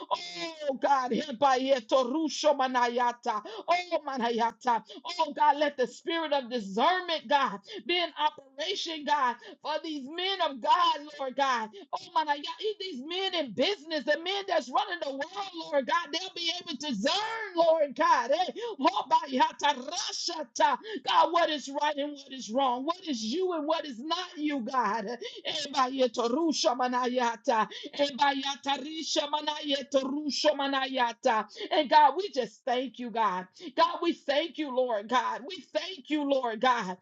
Speaker 2: Oh, God. Hebayeto rusho manayata. Oh, manayata. Oh, God, let the spirit of discernment, God, be in operation, God, for these men of God, Lord God. Oh my God, y'all these men in business, the men that's running the world, Lord God, they'll be able to discern, Lord God. eh, hobayata rashata, God, what is right and what is wrong, what is you and what is not you, God. Eh, by Ebayeta rusha manayata, Eh, by Yata risha manayeta rusha manayata. And God, we just thank you, God. God, we thank you, Lord God. We thank you, Lord God.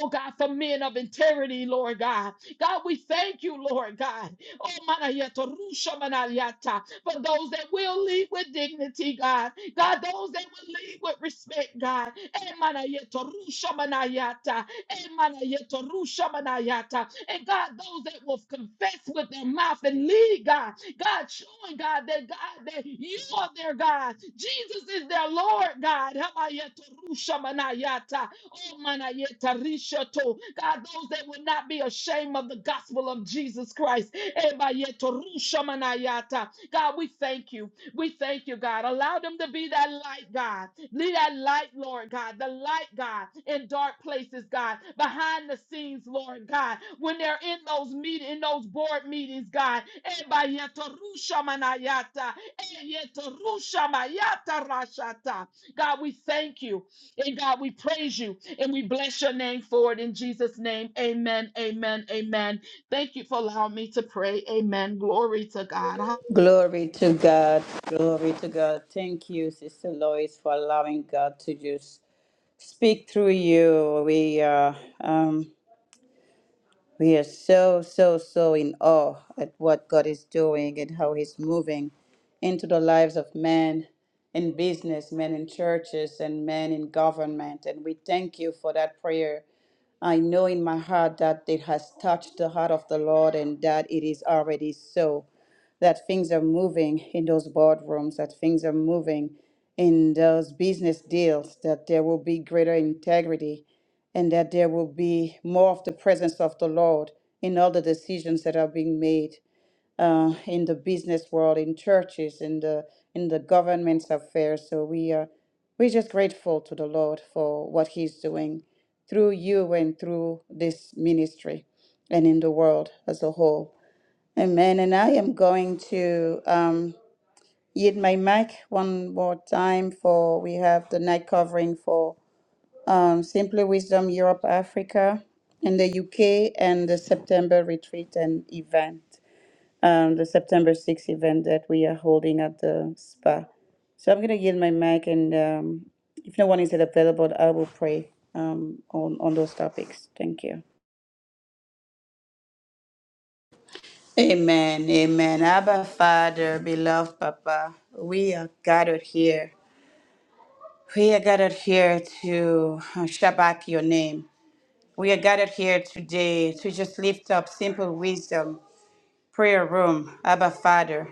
Speaker 2: Oh God, for men of integrity, Lord God. God, we thank you, Lord God. Oh, manayata, rusha manayata, for those that will lead with dignity, God. God, those that will lead with respect, God. Eh, manayata, rusha manayata, eh, manayata, rusha manayata. And God, those that will confess with their mouth and lead, God. God, showing God that God that you are their God. Jesus is their Lord, God. Hamayata, rusha manayata. Oh, manayeta rishoto. God, those that will not be ashamed of the gospel of Jesus Christ. Ebayeto rusha manayata. God, we thank you. We thank you, God. Allow them to be that light, God. Be that light, Lord God. The light, God, in dark places, God. Behind the scenes, Lord God. When they're in those meet in those board meetings, God. Ebayeto rusha manayata. Eyeto rusha mayata rashata. God, we thank you. And God, we praise you and we bless your name for it in Jesus' name. Amen. Amen. Amen. Thank you for allowing me to pray. Amen. Glory to God.
Speaker 1: Glory to God. Glory to God. Thank you, Sister Lois, for allowing God to just speak through you. We uh, um, We are so, so, so in awe at what God is doing and how He's moving into the lives of men in business, men in churches, and men in government. And we thank you for that prayer. I know in my heart that it has touched the heart of the Lord and that it is already so, that things are moving in those boardrooms, that things are moving in those business deals, that there will be greater integrity and that there will be more of the presence of the Lord in all the decisions that are being made uh, in the business world, in churches, in the in the government's affairs. So we are we're just grateful to the Lord for what He's doing through you and through this ministry and in the world as a whole. Amen. And I am going to um, yield my mic one more time for we have the night covering for um, Simply Wisdom Europe Africa in the UK and the September retreat and event, um, the September 6th event that we are holding at the spa. So I'm going to yield my mic, and um, if no one is available, I will pray um, on, on those topics. Thank you. Amen. Amen. Abba, Father, beloved Papa, we are gathered here. We are gathered here to uh, Shabbat your name. We are gathered here today to just lift up simple wisdom prayer room, Abba Father.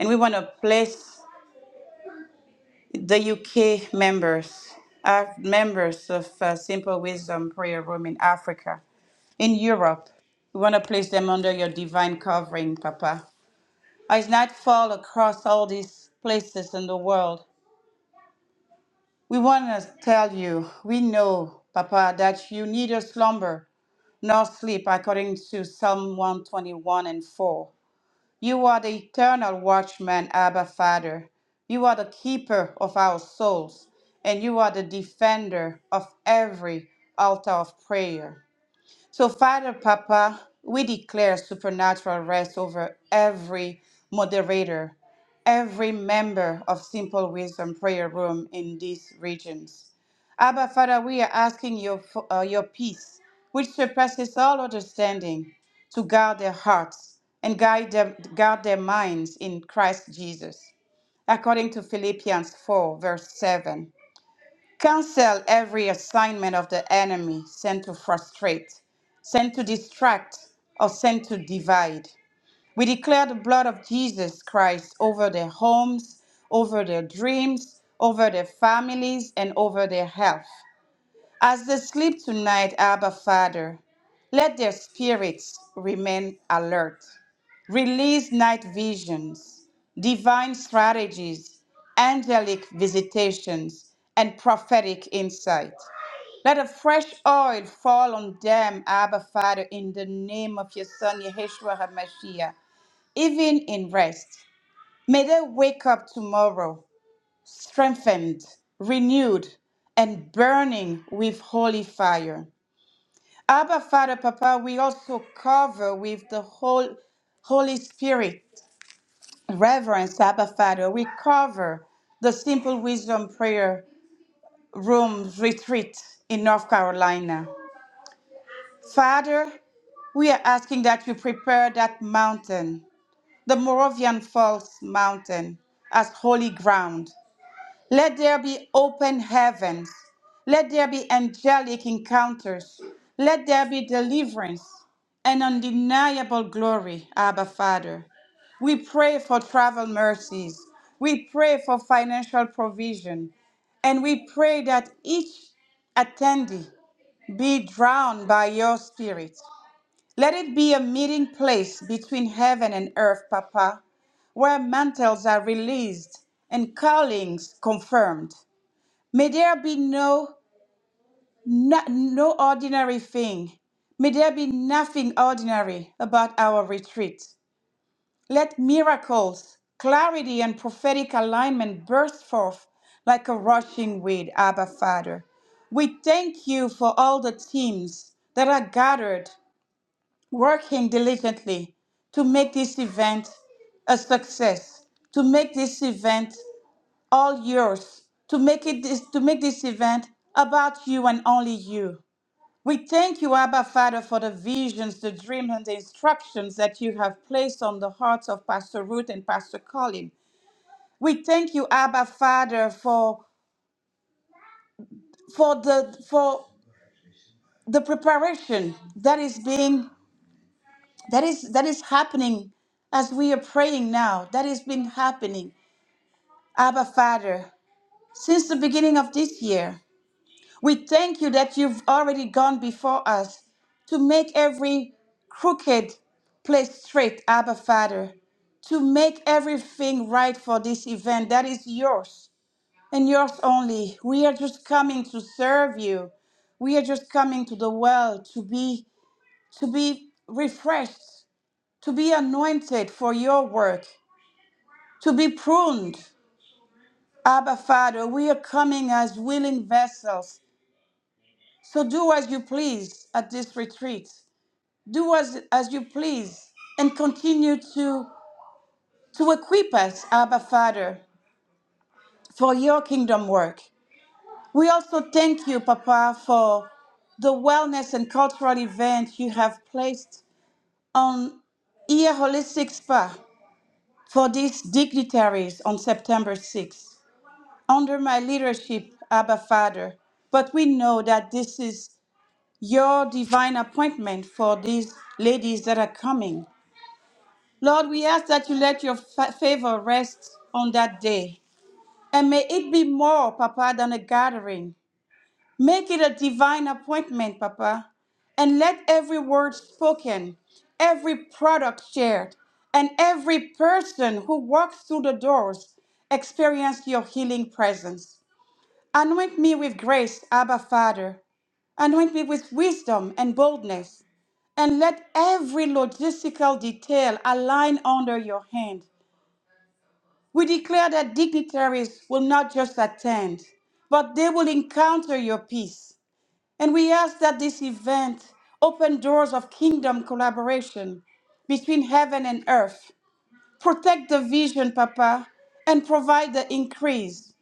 Speaker 1: And we want to place the UK members, our members of uh, Simple Wisdom Prayer Room in Africa, in Europe. We want to place them under your divine covering, Papa. As night fall across all these places in the world, We want to tell you, we know, Papa, that you neither slumber nor sleep, according to Psalm 121 and 4. You are the eternal watchman, Abba Father. You are the keeper of our souls, and you are the defender of every altar of prayer. So, Father, Papa, we declare supernatural rest over every moderator, every member of Simple Wisdom Prayer Room in these regions. Abba, Father, we are asking your, fo- uh, your peace, which surpasses all understanding, to guard their hearts and guide them, guard their minds in Christ Jesus, according to Philippians 4, verse 7. Cancel every assignment of the enemy sent to frustrate, sent to distract, or sent to divide. We declare the blood of Jesus Christ over their homes, over their dreams, over their families, and over their health. As they sleep tonight, Abba Father, let their spirits remain alert. Release night visions, divine strategies, angelic visitations, and prophetic insight. Let a fresh oil fall on them, Abba Father, in the name of your Son, Yeshua HaMashiach, even in rest. May they wake up tomorrow, strengthened, renewed, and burning with holy fire. Abba, Father, Papa, we also cover with the whole Holy Spirit reverence, Abba, Father. We cover the Simple Wisdom Prayer Room retreat in North Carolina. Father, we are asking that you prepare that mountain, the Moravian Falls mountain, as holy ground. Let there be open heavens. Let there be angelic encounters. Let there be deliverance and undeniable glory, Abba Father. We pray for travel mercies. We pray for financial provision. And we pray that each attendee be drowned by your spirit. Let it be a meeting place between heaven and earth, Papa, where mantles are released and callings confirmed. May there be no, no, no ordinary thing. May there be nothing ordinary about our retreat. Let miracles, clarity, and prophetic alignment burst forth like a rushing wind, Abba Father. We thank you for all the teams that are gathered, working diligently to make this event a success, to make this event all yours to make it this, to make this event about you and only you. We thank you, Abba Father, for the visions, the dreams, and the instructions that you have placed on the hearts of Pastor Ruth and Pastor Colin. We thank you, Abba Father, for for the for the preparation that is being that is that is happening as we are praying now. That has been happening, Abba Father, since the beginning of this year. We thank you that you've already gone before us to make every crooked place straight, Abba Father, to make everything right for this event that is yours and yours only. We are just coming to serve you. We are just coming to the well to be to be refreshed, to be anointed for your work, to be pruned. Abba Father, we are coming as willing vessels So do as you please at this retreat. Do as, as you please and continue to, to equip us, Abba Father, for your kingdom work. We also thank you, Papa, for the wellness and cultural event you have placed on Ear Holistic Spa for these dignitaries on September 6th, under my leadership, Abba Father. But we know that this is your divine appointment for these ladies that are coming. Lord, we ask that you let your fa- favor rest on that day. And may it be more, Papa, than a gathering. Make it a divine appointment, Papa. And let every word spoken, every product shared, and every person who walks through the doors experience your healing presence. Anoint me with grace, Abba Father. Anoint me with wisdom and boldness. And let every logistical detail align under your hand. We declare that dignitaries will not just attend, but they will encounter your peace. And we ask that this event open doors of kingdom collaboration between heaven and earth. Protect the vision, Papa, and provide the increase.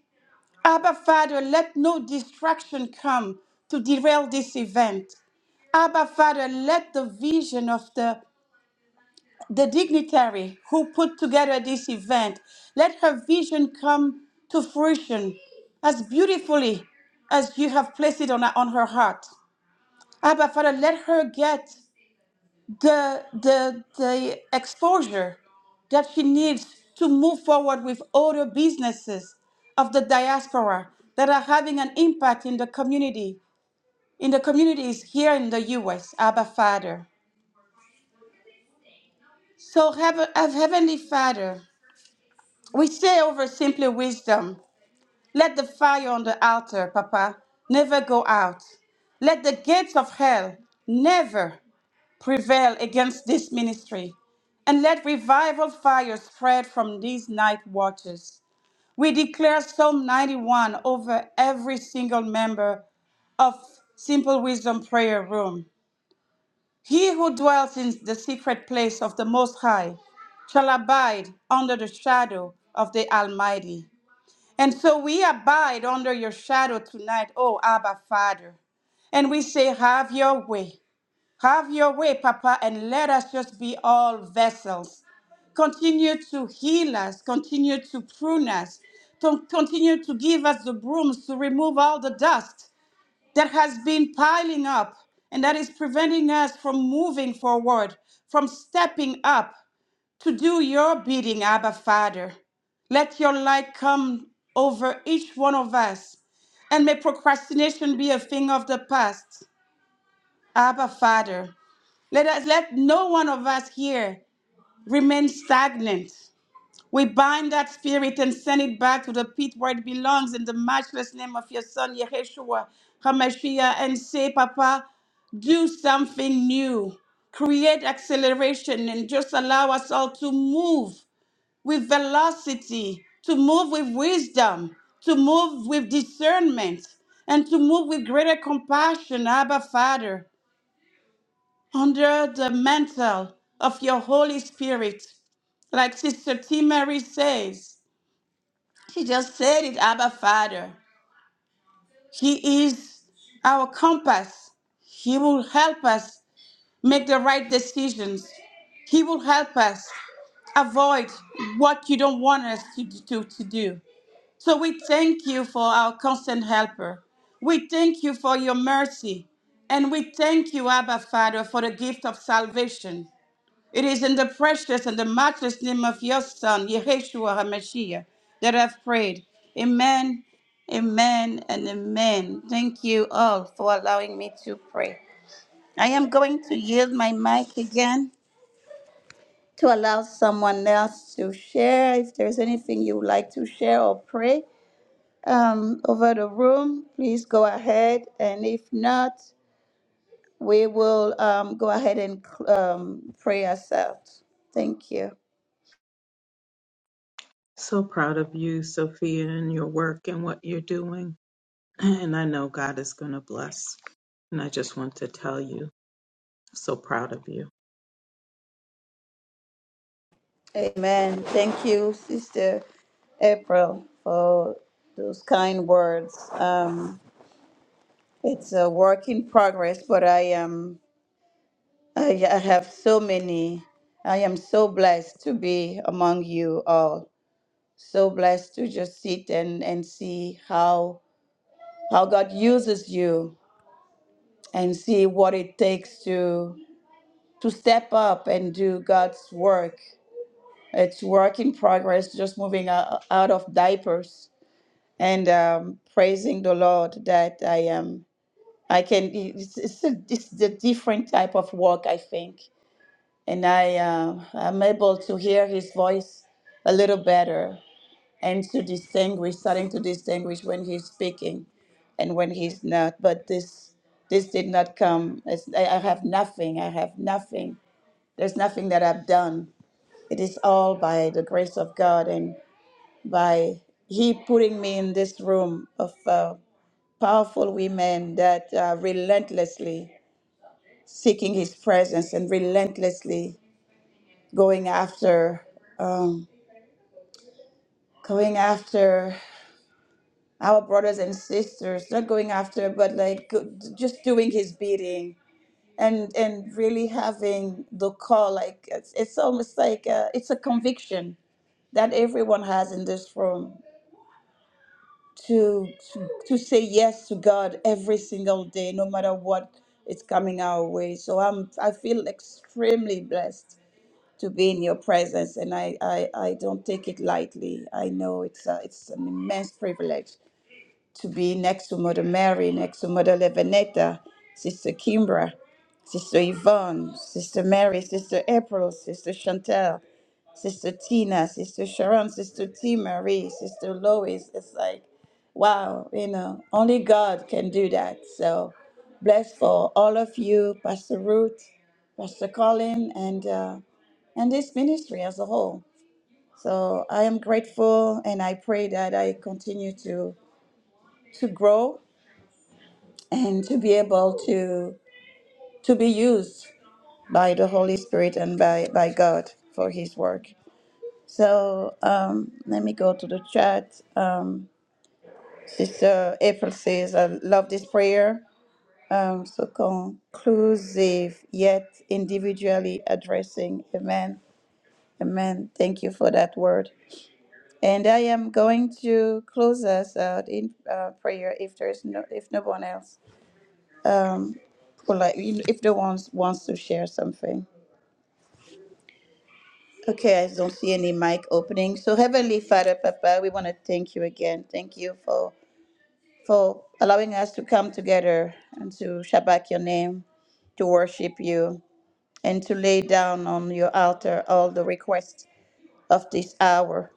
Speaker 1: Abba, Father, let no distraction come to derail this event. Abba, Father, let the vision of the, the dignitary who put together this event, let her vision come to fruition as beautifully as you have placed it on, on her heart. Abba, Father, let her get the the the exposure that she needs to move forward with other businesses of the diaspora that are having an impact in the community in the communities here in the US Abba Father so have have heavenly Father we say over simply wisdom let the fire on the altar papa never go out let the gates of hell never prevail against this ministry, and let revival fire spread from these night watches. We declare Psalm 91 over every single member of Simple Wisdom Prayer Room. He who dwells in the secret place of the Most High shall abide under the shadow of the Almighty. And so we abide under your shadow tonight, O Abba Father. And we say, Have your way. Have your way, Papa, and let us just be all vessels. Continue to heal us, continue to prune us, to continue to give us the brooms to remove all the dust that has been piling up and that is preventing us from moving forward, from stepping up to do your bidding, Abba Father. Let your light come over each one of us, and may procrastination be a thing of the past. Abba Father, let us let no one of us here remain stagnant. We bind that spirit and send it back to the pit where it belongs in the matchless name of your son Yeshua Hamashiach and say, Papa, do something new. Create acceleration and just allow us all to move with velocity, to move with wisdom, to move with discernment, and to move with greater compassion, Abba Father under the mantle of your Holy Spirit. Like Sister T. Mary says, she just said it, Abba Father. He is our compass. He will help us make the right decisions. He will help us avoid what you don't want us to, to, to do. So we thank you for our constant helper. We thank you for your mercy. And we thank you, Abba Father, for the gift of salvation. It is in the precious and the matchless name of your Son, Yeshua HaMashiach, that I've prayed. Amen, amen, and amen. Thank you all for allowing me to pray. I am going to yield my mic again to allow someone else to share. If there's anything you would like to share or pray um, over the room, please go ahead. And if not, we will um, go ahead and um, pray ourselves. Thank you.
Speaker 5: So proud of you, Sophia, and your work and what you're doing. And I know God is going to bless. And I just want to tell you, so proud of you.
Speaker 1: Amen. Thank you, Sister April, for those kind words. Um, it's a work in progress, but I am I, I have so many. I am so blessed to be among you all. So blessed to just sit and and see how how God uses you and see what it takes to to step up and do God's work. It's work in progress, just moving o- out of diapers and um, praising the Lord that I am. I can. It's, it's, a, it's a different type of work, I think, and I um I'm able to hear His voice a little better and to distinguish, starting to distinguish when He's speaking and when He's not. But this this did not come. It's, I, I have nothing. I have nothing. There's nothing that I've done. It is all by the grace of God and by He putting me in this room of. Uh, powerful women that are relentlessly seeking his presence and relentlessly going after um, going after our brothers and sisters not going after but like go- just doing his bidding and and really having the call like it's, it's almost like uh it's a conviction that everyone has in this room to, to to say yes to God every single day, no matter what is coming our way. So I'm I feel extremely blessed to be in your presence, and I I, I don't take it lightly. I know it's a, it's an immense privilege to be next to Mother Mary, next to Mother Levinetta, Sister Kimbra, Sister Yvonne, Sister Mary, Sister April, Sister Chantel, Sister Tina, Sister Sharon, Sister T Marie, Sister Lois. It's like, wow, you know, only God can do that. So blessed for all of you, Pastor Ruth, Pastor Colin, and uh, and this ministry as a whole. So I am grateful, and I pray that I continue to to grow and to be able to to be used by the Holy Spirit and by by God for His work. So um, let me go to the chat. Um, Sister April says, "I love this prayer." Um, so conclusive yet individually addressing. Amen. Amen. Thank you for that word. And I am going to close us out in uh, prayer if there's no if no one else. um for like if the ones wants to share something okay i don't see any mic opening so heavenly father papa we want to thank you again thank you for for allowing us to come together and to shabak your name to worship you and to lay down on your altar all the requests of this hour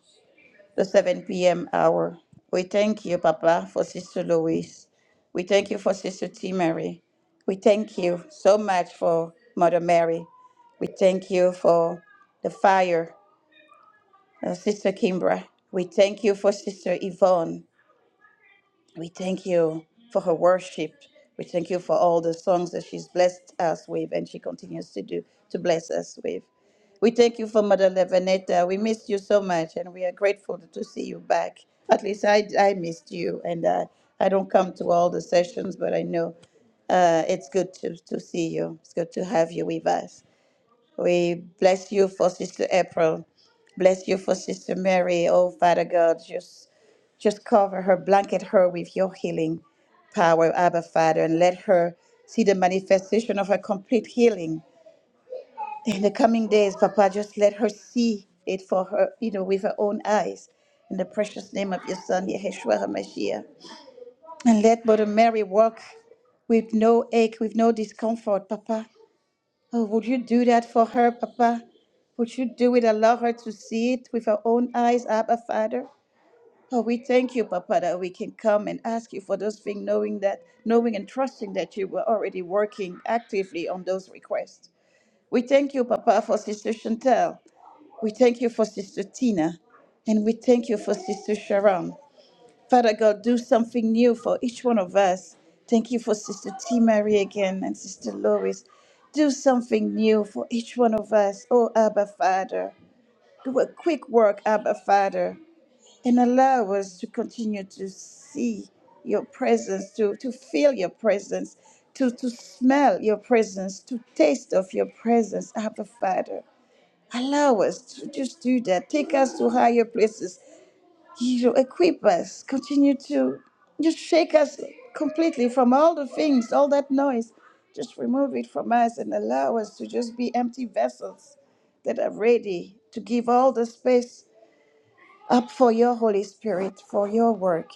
Speaker 1: the 7 p.m. hour. We thank you, Papa, for Sister Louise. We thank you for Sister T. Mary. We thank you so much for Mother Mary. We thank you for the fire, uh, Sister Kimbra. We thank you for Sister Yvonne. We thank you for her worship. We thank you for all the songs that she's blessed us with and she continues to do to bless us with. We thank you for Mother Levanetta. We missed you so much and we are grateful to see you back. At least I, I missed you and uh, I don't come to all the sessions, but I know uh, it's good to, to see you. It's good to have you with us. We bless you for Sister April. Bless you for Sister Mary. Oh, Father God, just just cover her, blanket her with your healing power, Abba Father, and let her see the manifestation of her complete healing in the coming days, Papa. Just let her see it for her, you know, with her own eyes. In the precious name of your Son, Yeshua HaMashiach. And let Mother Mary walk with no ache, with no discomfort, Papa. Oh, would you do that for her, Papa? Would you do it? Allow her to see it with her own eyes, Abba Father. Oh, we thank you, Papa, that we can come and ask you for those things, knowing that, knowing and trusting that you were already working actively on those requests. We thank you, Papa, for Sister Chantel. We thank you for Sister Tina. And we thank you for Sister Sharon. Father God, do something new for each one of us. Thank you for Sister T. Mary again and Sister Lois. Do something new for each one of us, oh Abba Father. Do a quick work, Abba Father, and allow us to continue to see your presence, to, to feel your presence, to, to smell your presence, to taste of your presence, Abba Father. Allow us to just do that. Take us to higher places you equip us, continue to just shake us completely from all the things, all that noise. Just remove it from us and allow us to just be empty vessels that are ready to give all the space up for your Holy Spirit, for your work.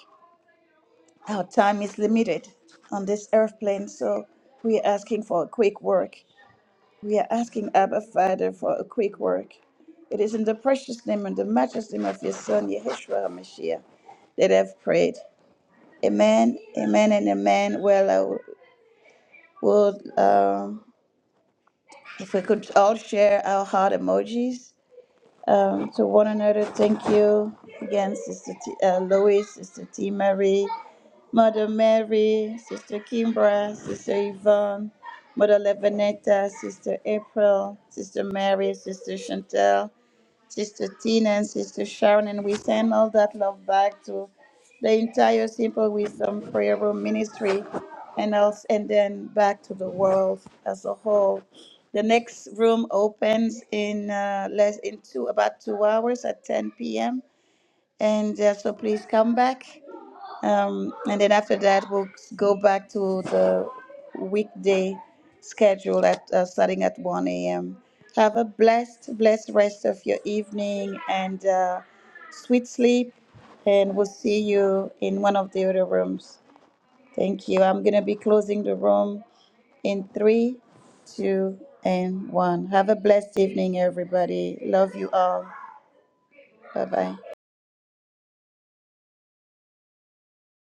Speaker 1: Our time is limited on this earth plane, so we are asking for a quick work. We are asking Abba Father for a quick work. It is in the precious name and the matchless name of your Son, Yeshua HaMashiach, that I've prayed. Amen, amen, and amen. Well, I w- would, uh, if we could all share our heart emojis um, to one another. Thank you again, Sister T- uh, Louis, Sister T. Mary, Mother Mary, Sister Kimbra, Sister Yvonne, Mother Levanetta, Sister April, Sister Mary, Sister Chantel. Sister Tina and Sister Sharon, and we send all that love back to the entire Simple Wisdom Prayer Room ministry and else and then back to the world as a whole. The next room opens in uh, less in two about two hours at 10 p.m. And uh, so please come back. Um, and then after that, we'll go back to the weekday schedule at uh, starting at 1 a.m. Have a blessed, blessed rest of your evening and uh, sweet sleep. And we'll see you in one of the other rooms. Thank you. I'm going to be closing the room in three, two, and one. Have a blessed evening, everybody. Love you all. Bye bye.